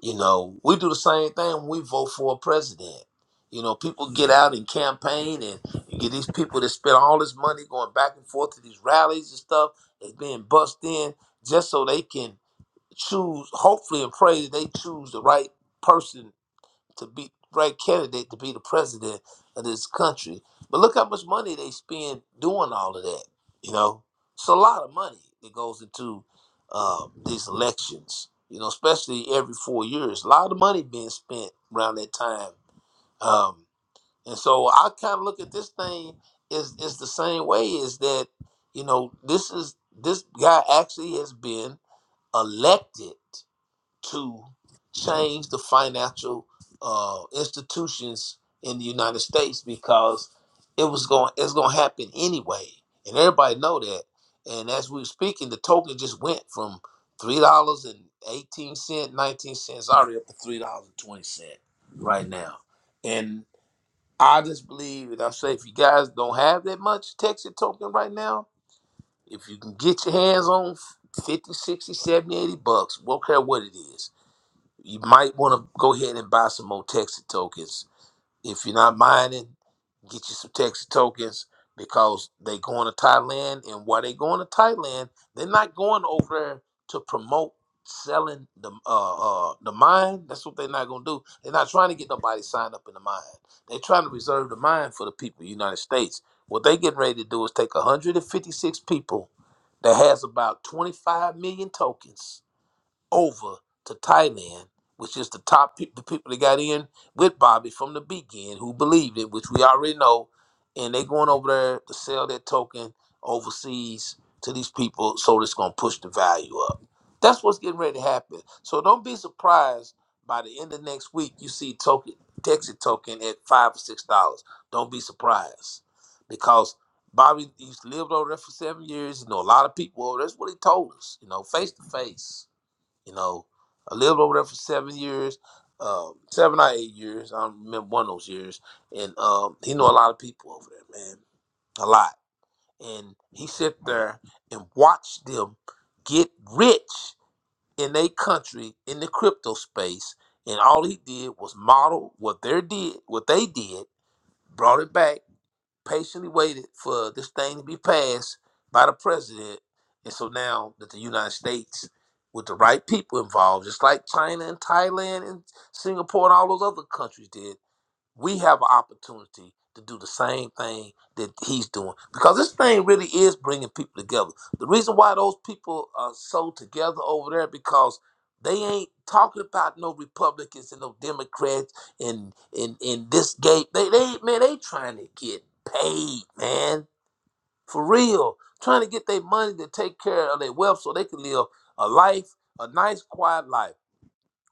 B: You know, we do the same thing when we vote for a president. You know, people get out and campaign, and you get these people that spend all this money going back and forth to these rallies and stuff that's being bussed in just so they can choose, hopefully, and pray that they choose the right person to be right candidate to be the president of this country. But look how much money they spend doing all of that. You know, it's a lot of money that goes into uh, these elections. You know, especially every four years, a lot of money being spent around that time. Um, and so I kind of look at this thing is is the same way. Is that you know this is this guy actually has been elected to change the financial uh, institutions in the United States because it was going it's going to happen anyway, and everybody know that. And as we were speaking, the token just went from three dollars and eighteen cent, nineteen cents, already up to three dollars and twenty cent right now. And I just believe, and I say, if you guys don't have that much Texas token right now, if you can get your hands on 50, 60, 70, 80 bucks, won't care what it is you might want to go ahead and buy some more Texas tokens. If you're not mining, get you some Texas tokens because they going to Thailand, and while they going to Thailand, they're not going over there to promote selling the uh, uh the mine. That's what they're not gonna do. They're not trying to get nobody signed up in the mine. They're trying to reserve the mine for the people of the United States. What they getting ready to do is take 156 people that has about 25 million tokens over to Thailand, which is the top pe- the people that got in with Bobby from the beginning who believed it, which we already know, and they going over there to sell their token overseas to these people, so it's gonna push the value up. That's what's getting ready to happen. So don't be surprised by the end of next week you see token Texas token at five or six dollars. Don't be surprised because Bobby he's lived over there for seven years. You know a lot of people over there. That's what he told us. You know face to face you know, I lived over there for seven years, um, seven or eight years. I don't remember one of those years. And um, he knew a lot of people over there, man, a lot. And he sit there and watch them get rich in their country in the crypto space. And all he did was model what they did, what they did, brought it back patiently waited for this thing to be passed by the president. And so now that the United States, with the right people involved, just like China and Thailand and Singapore and all those other countries did, we have an opportunity to do the same thing that he's doing because this thing really is bringing people together. The reason why those people are so together over there because they ain't talking about no Republicans and no Democrats and and and this gate. They they man they trying to get paid, man, for real. Trying to get their money to take care of their wealth so they can live a life, a nice quiet life.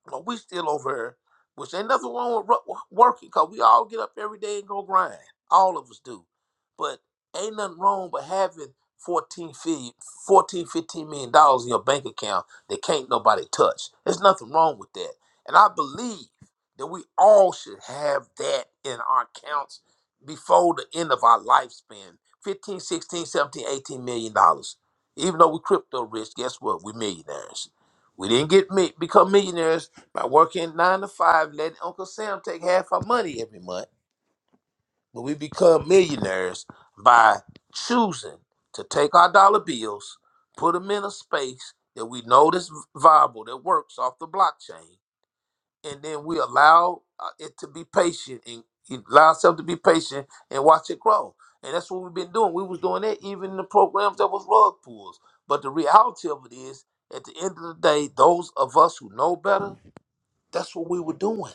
B: But we still over here, which ain't nothing wrong with ru- working, cause we all get up every day and go grind. All of us do. But ain't nothing wrong with having fourteen, fifteen, fourteen, fifteen million dollars in your bank account that can't nobody touch. There's nothing wrong with that. And I believe that we all should have that in our accounts before the end of our lifespan. fifteen, sixteen, seventeen, eighteen million dollars. Even though we crypto rich, guess what? We're millionaires. We didn't get me become millionaires by working nine to five, let Uncle Sam take half our money every month. But we become millionaires by choosing to take our dollar bills, put them in a space that we know that's viable, that works off the blockchain, and then we allow uh, it to be patient and and allow ourselves to be patient and watch it grow. And that's what we've been doing. We was doing that even in the programs that was rug pulls. But the reality of it is, at the end of the day, those of us who know better, that's what we were doing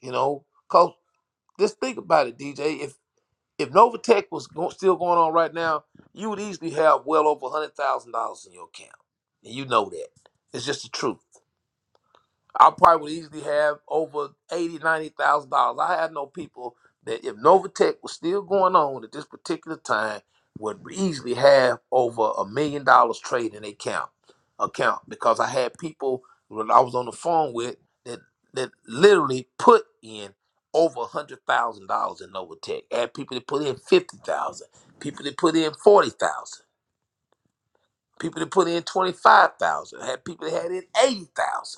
B: You know, cause just think about it, DJ. If if Novatech was go- still going on right now, you would easily have well over hundred thousand dollars in your account, and you know that. It's just the truth. I probably would easily have over eighty, ninety thousand dollars. I had no people that if Novatech was still going on at this particular time would easily have over a million dollars trade in their account account because I had people that I was on the phone with that that literally put in over a hundred thousand dollars in Novatech. I had people that put in fifty thousand, people that put in forty thousand, people that put in twenty five thousand, had people that had in eighty thousand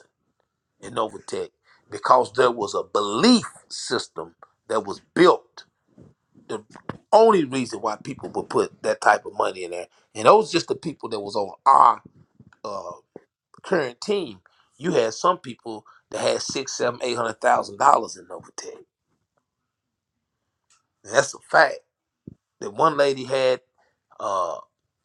B: in Novatech because there was a belief system that was built. The only reason why people would put that type of money in there, and those just the people that was on our uh, current team. You had some people that had six, seven, eight hundred thousand dollars in Novatech. And that's a fact. That one lady had. uh,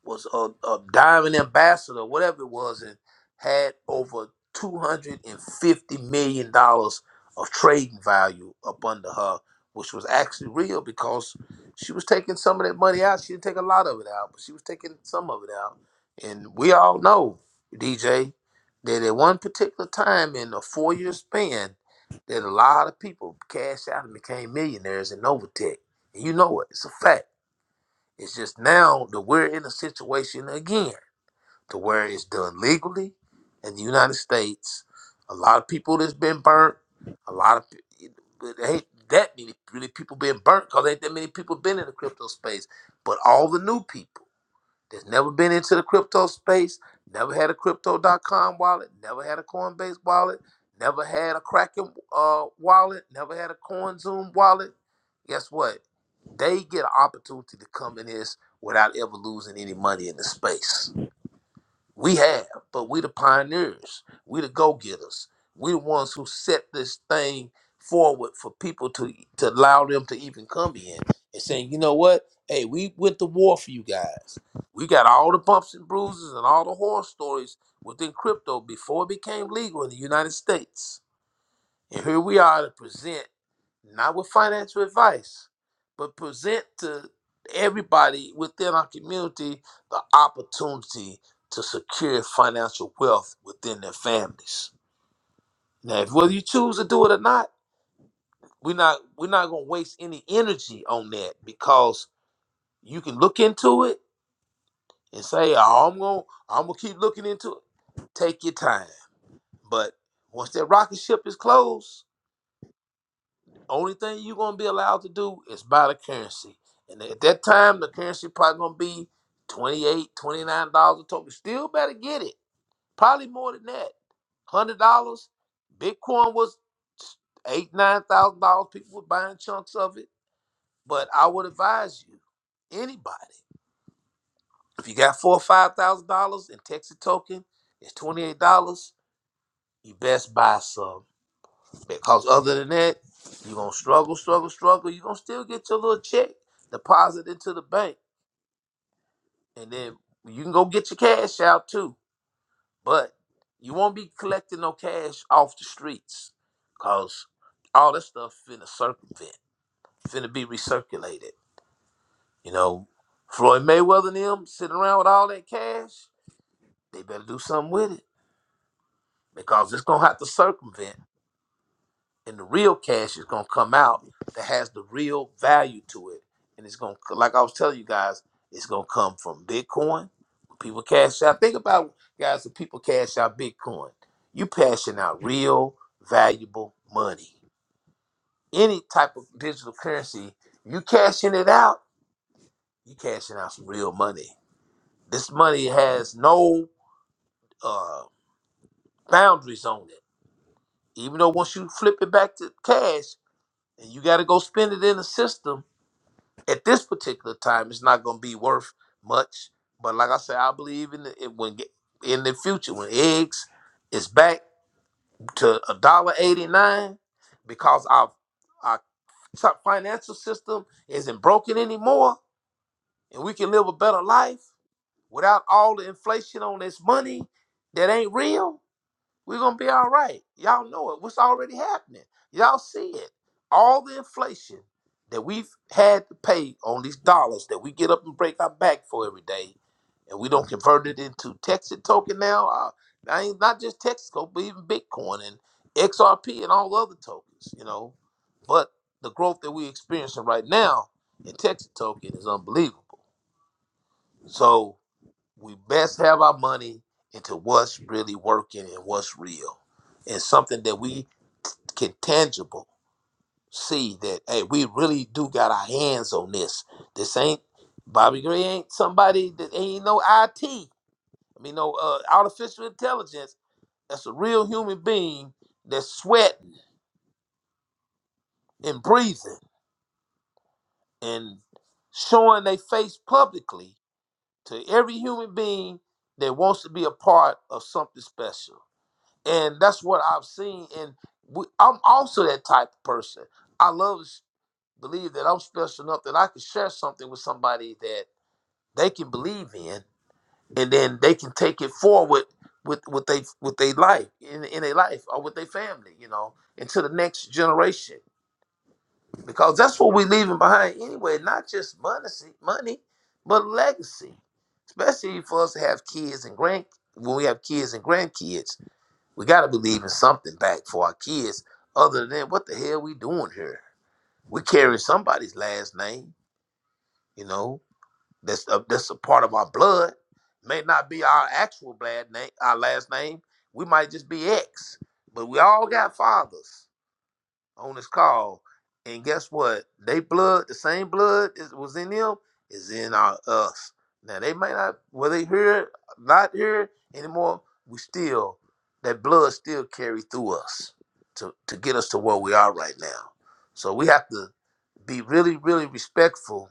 B: was a, a diamond ambassador, whatever it was, and had over two hundred and fifty million dollars of trading value up under her, which was actually real because she was taking some of that money out. She didn't take a lot of it out, but she was taking some of it out. And we all know, DJ, that at one particular time in a four year span, that a lot of people cashed out and became millionaires in Novatech. And you know it. It's a fact. It's just now that we're in a situation again to where it's done legally in the United States. A lot of people that's been burnt. A lot of pe- but there ain't that many really people being burnt because ain't that many people been in the crypto space. But all the new people that's never been into the crypto space, never had a crypto.com wallet, never had a Coinbase wallet, never had a Kraken uh, wallet, never had a CoinZoom wallet, guess what? They get an opportunity to come in this without ever losing any money in the space. We have, but we the pioneers. We the go getters. We the ones who set this thing forward for people to to allow them to even come in and saying, you know what? Hey, we went to war for you guys. We got all the bumps and bruises and all the horror stories within crypto before it became legal in the United States. And here we are to present, not with financial advice, but present to everybody within our community the opportunity to secure financial wealth within their families. Now, if whether you choose to do it or not, we're not we're not gonna waste any energy on that because you can look into it and say, "Oh, I'm gonna I'm gonna keep looking into it. Take your time. But once that rocket ship is closed, Only thing you're gonna be allowed to do is buy the currency. And at that time, the currency probably gonna be twenty-eight, twenty-nine dollars a token. Still better get it. Probably more than that. $100. Bitcoin was eight, $9,000. People were buying chunks of it. But I would advise you, anybody, if you got four or $5,000 in Texas token, it's $28. You best buy some. Because other than that, you're gonna struggle, struggle, struggle. You're gonna still get your little check deposited into the bank. And then you can go get your cash out too. But you won't be collecting no cash off the streets. Cause all that stuff finna circumvent, finna be recirculated. You know, Floyd Mayweather and them sitting around with all that cash, they better do something with it. Because it's gonna have to circumvent. and the real cash is gonna come out that has the real value to it, and it's gonna like I was telling you guys, it's gonna come from Bitcoin. when People cash out. Think about guys, if people cash out Bitcoin, you passing out real valuable money. Any type of digital currency, you cashing it out, you cashing out some real money. This money has no uh, boundaries on it. Even though once you flip it back to cash and you got to go spend it in the system, at this particular time it's not going to be worth much but like i said i believe in the, it when in the future when eggs is back to a dollar 89 because our our top financial system isn't broken anymore and we can live a better life without all the inflation on this money that ain't real we're gonna be all right. Y'all know it. What's already happening? Y'all see it. All the inflation that we've had to pay on these dollars that we get up and break our back for every day, and we don't convert it into Texas token now. Uh, I ain't not just Texaco, but even Bitcoin and XRP and all the other tokens. You know, but the growth that we're experiencing right now in Texas token is unbelievable. So we best have our money into what's really working and what's real and something that we can tangible see that hey we really do got our hands on this this ain't bobby gray ain't somebody that ain't no it i mean no uh, artificial intelligence that's a real human being that's sweating and breathing and showing their face publicly to every human being that wants to be a part of something special and that's what I've seen. And we, I'm also that type of person. I love to s- believe that I'm special enough that I can share something with somebody that they can believe in, and then they can take it forward with with they with their life in in their life or with their family, you know, into the next generation. Because that's what we're leaving behind anyway. Not just money, money, but legacy. Especially for us to have kids and grand when we have kids and grandkids we got to believe in something back for our kids. Other than what the hell we doing here? We carrying somebody's last name, you know. That's a, that's a part of our blood. May not be our actual blood name, our last name. We might just be X, but we all got fathers on this call, and guess what? They blood, the same blood that was in them is in our us. Now they may not, were they here? not here anymore, we still that blood still carries through us to to get us to where we are right now. So we have to be really, really respectful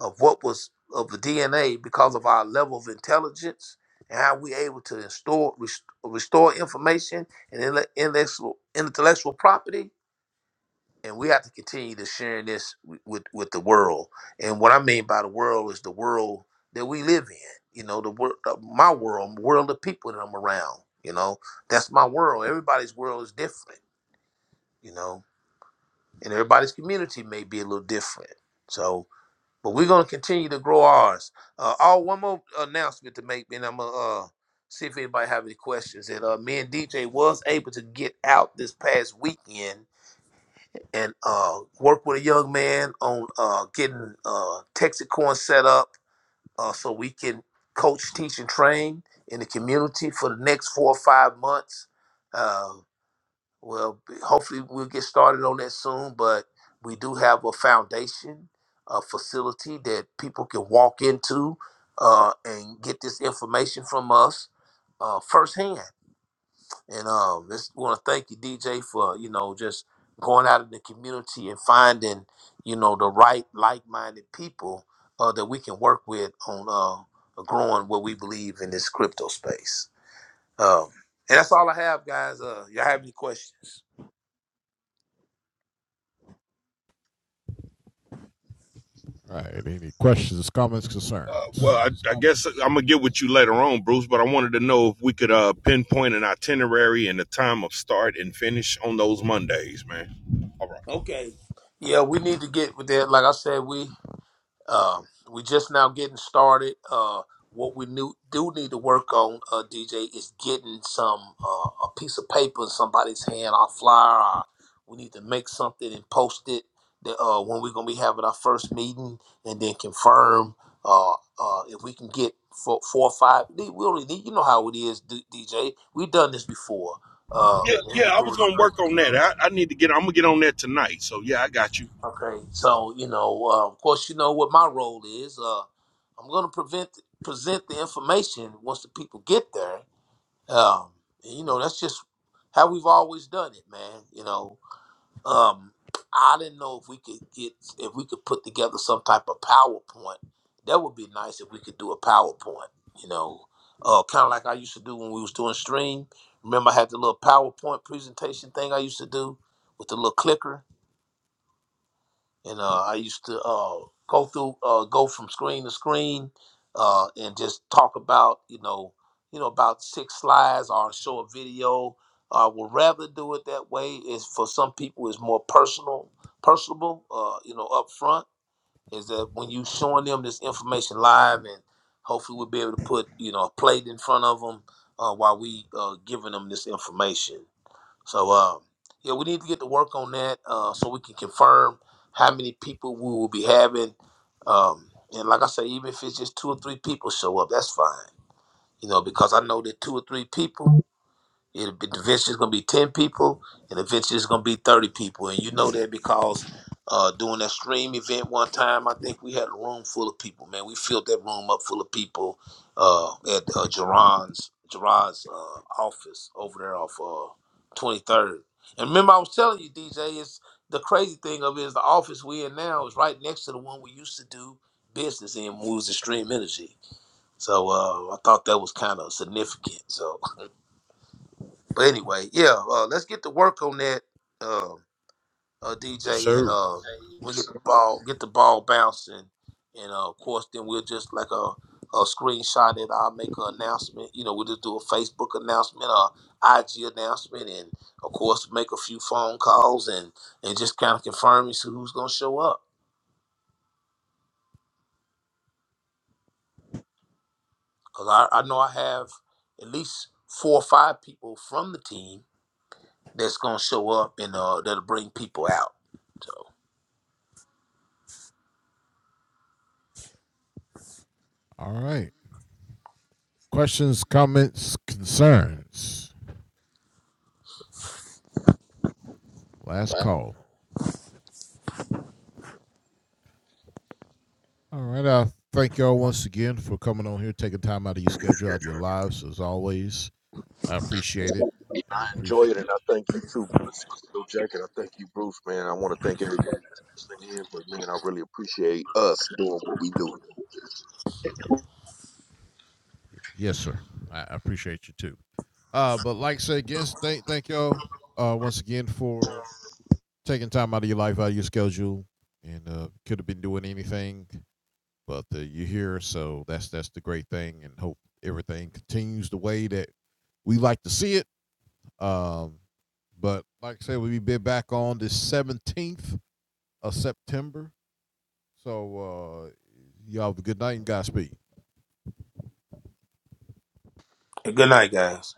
B: of what was of the DNA because of our level of intelligence and how we're able to restore restore information and intele- intellectual intellectual property and we have to continue to sharing this w- with with the world. And what I mean by the world is the world that we live in. You know, the world, my world, world of people that I'm around. You know, that's my world. Everybody's world is different. You know, and everybody's community may be a little different. So, but we're gonna continue to grow ours. Uh, oh, one more announcement to make, and I'm gonna uh, see if anybody have any questions. That uh, me and DJ was able to get out this past weekend and uh, work with a young man on uh, getting uh, Texacorn set up uh, so we can coach, teach, and train in the community for the next four or five months. Uh, well, hopefully we'll get started on that soon, but we do have a foundation, a facility that people can walk into uh, and get this information from us uh, firsthand. And um, just want to thank you, DJ, for you know just going out in the community and finding you know the right like-minded people uh, that we can work with on uh, growing what we believe in this crypto space. Um, and that's all I have, guys. Uh, y'all have any questions?
A: Uh, well, I, I guess I'm gonna get with you later on, Bruce. But I wanted to know if we could uh, pinpoint an itinerary and the time of start and finish on those Mondays, man. All right.
B: Okay. Yeah, we need to get with that. Like I said, we Um, we just now getting started. Uh, what we knew, do need to work on, uh, DJ, is getting some uh, a piece of paper in somebody's hand, our flyer. Our, we need to make something and post it that, uh, when we're gonna be having our first meeting, and then confirm uh, uh, if we can get four, four or five. We only need, you know how it is, D- DJ. We've done this before. Uh,
A: Yeah,
B: when
A: yeah,
B: we
A: I
B: do
A: was gonna
B: it.
A: work on that. I, I need to get. I'm gonna get on that tonight. So yeah, I got you.
B: Okay, so you know, uh, of course, you know what my role is. Uh, I'm going to prevent present the information once the people get there. Um, and, you know, that's just how we've always done it, man. You know, um, I didn't know if we could get if we could put together some type of PowerPoint. That would be nice if we could do a PowerPoint. You know, uh, kind of like I used to do when we was doing stream. Remember, I had the little PowerPoint presentation thing I used to do with the little clicker and uh, I used to uh, go through, uh, go from screen to screen, uh, and just talk about, you know, you know, about six slides or show a video. I would rather do it that way. Is for some people, is more personal, personable, uh, you know, up front. Is that when you showing them this information live, and hopefully we'll be able to put, you know, a plate in front of them uh, while we uh, giving them this information. So uh, yeah, we need to get to work on that uh, so we can confirm how many people we will be having. Um, and like I say, even if it's just two or three people show up, that's fine. You know, because I know that two or three people. It'll be, the venture gonna be ten people, and the venture is gonna be thirty people, and you know that because uh, doing that stream event one time, I think we had a room full of people. Man, we filled that room up full of people uh, at uh, Jerron's Gerard's uh, office over there off Twenty Third. And remember, I was telling you, DJ, it's the crazy thing of it is the office we in now is right next to the one we used to do business in, when we was Extreme Energy. So uh, I thought that was kind of significant. So. But anyway, yeah, uh, let's get to work on that, uh, uh,
A: Yes,
B: DJ, and
A: sir.
B: uh, we'll get the ball, get the ball bouncing, and uh, of course, then we'll just like a, a screenshot it. I'll make an announcement. You know, we'll just do a Facebook announcement, a IG announcement, and of course, make a few phone calls and and just kind of confirm and see who's gonna show up. Cause I, I know I have at least four or five people from the team that's gonna show up and uh, that'll bring people out. So.
A: I enjoy it, and I thank you too, Mr. Bill Jack, I thank you, Bruce, man. I want to thank everybody that's listening in, but man, I really appreciate us doing what we do.
B: Good night, guys.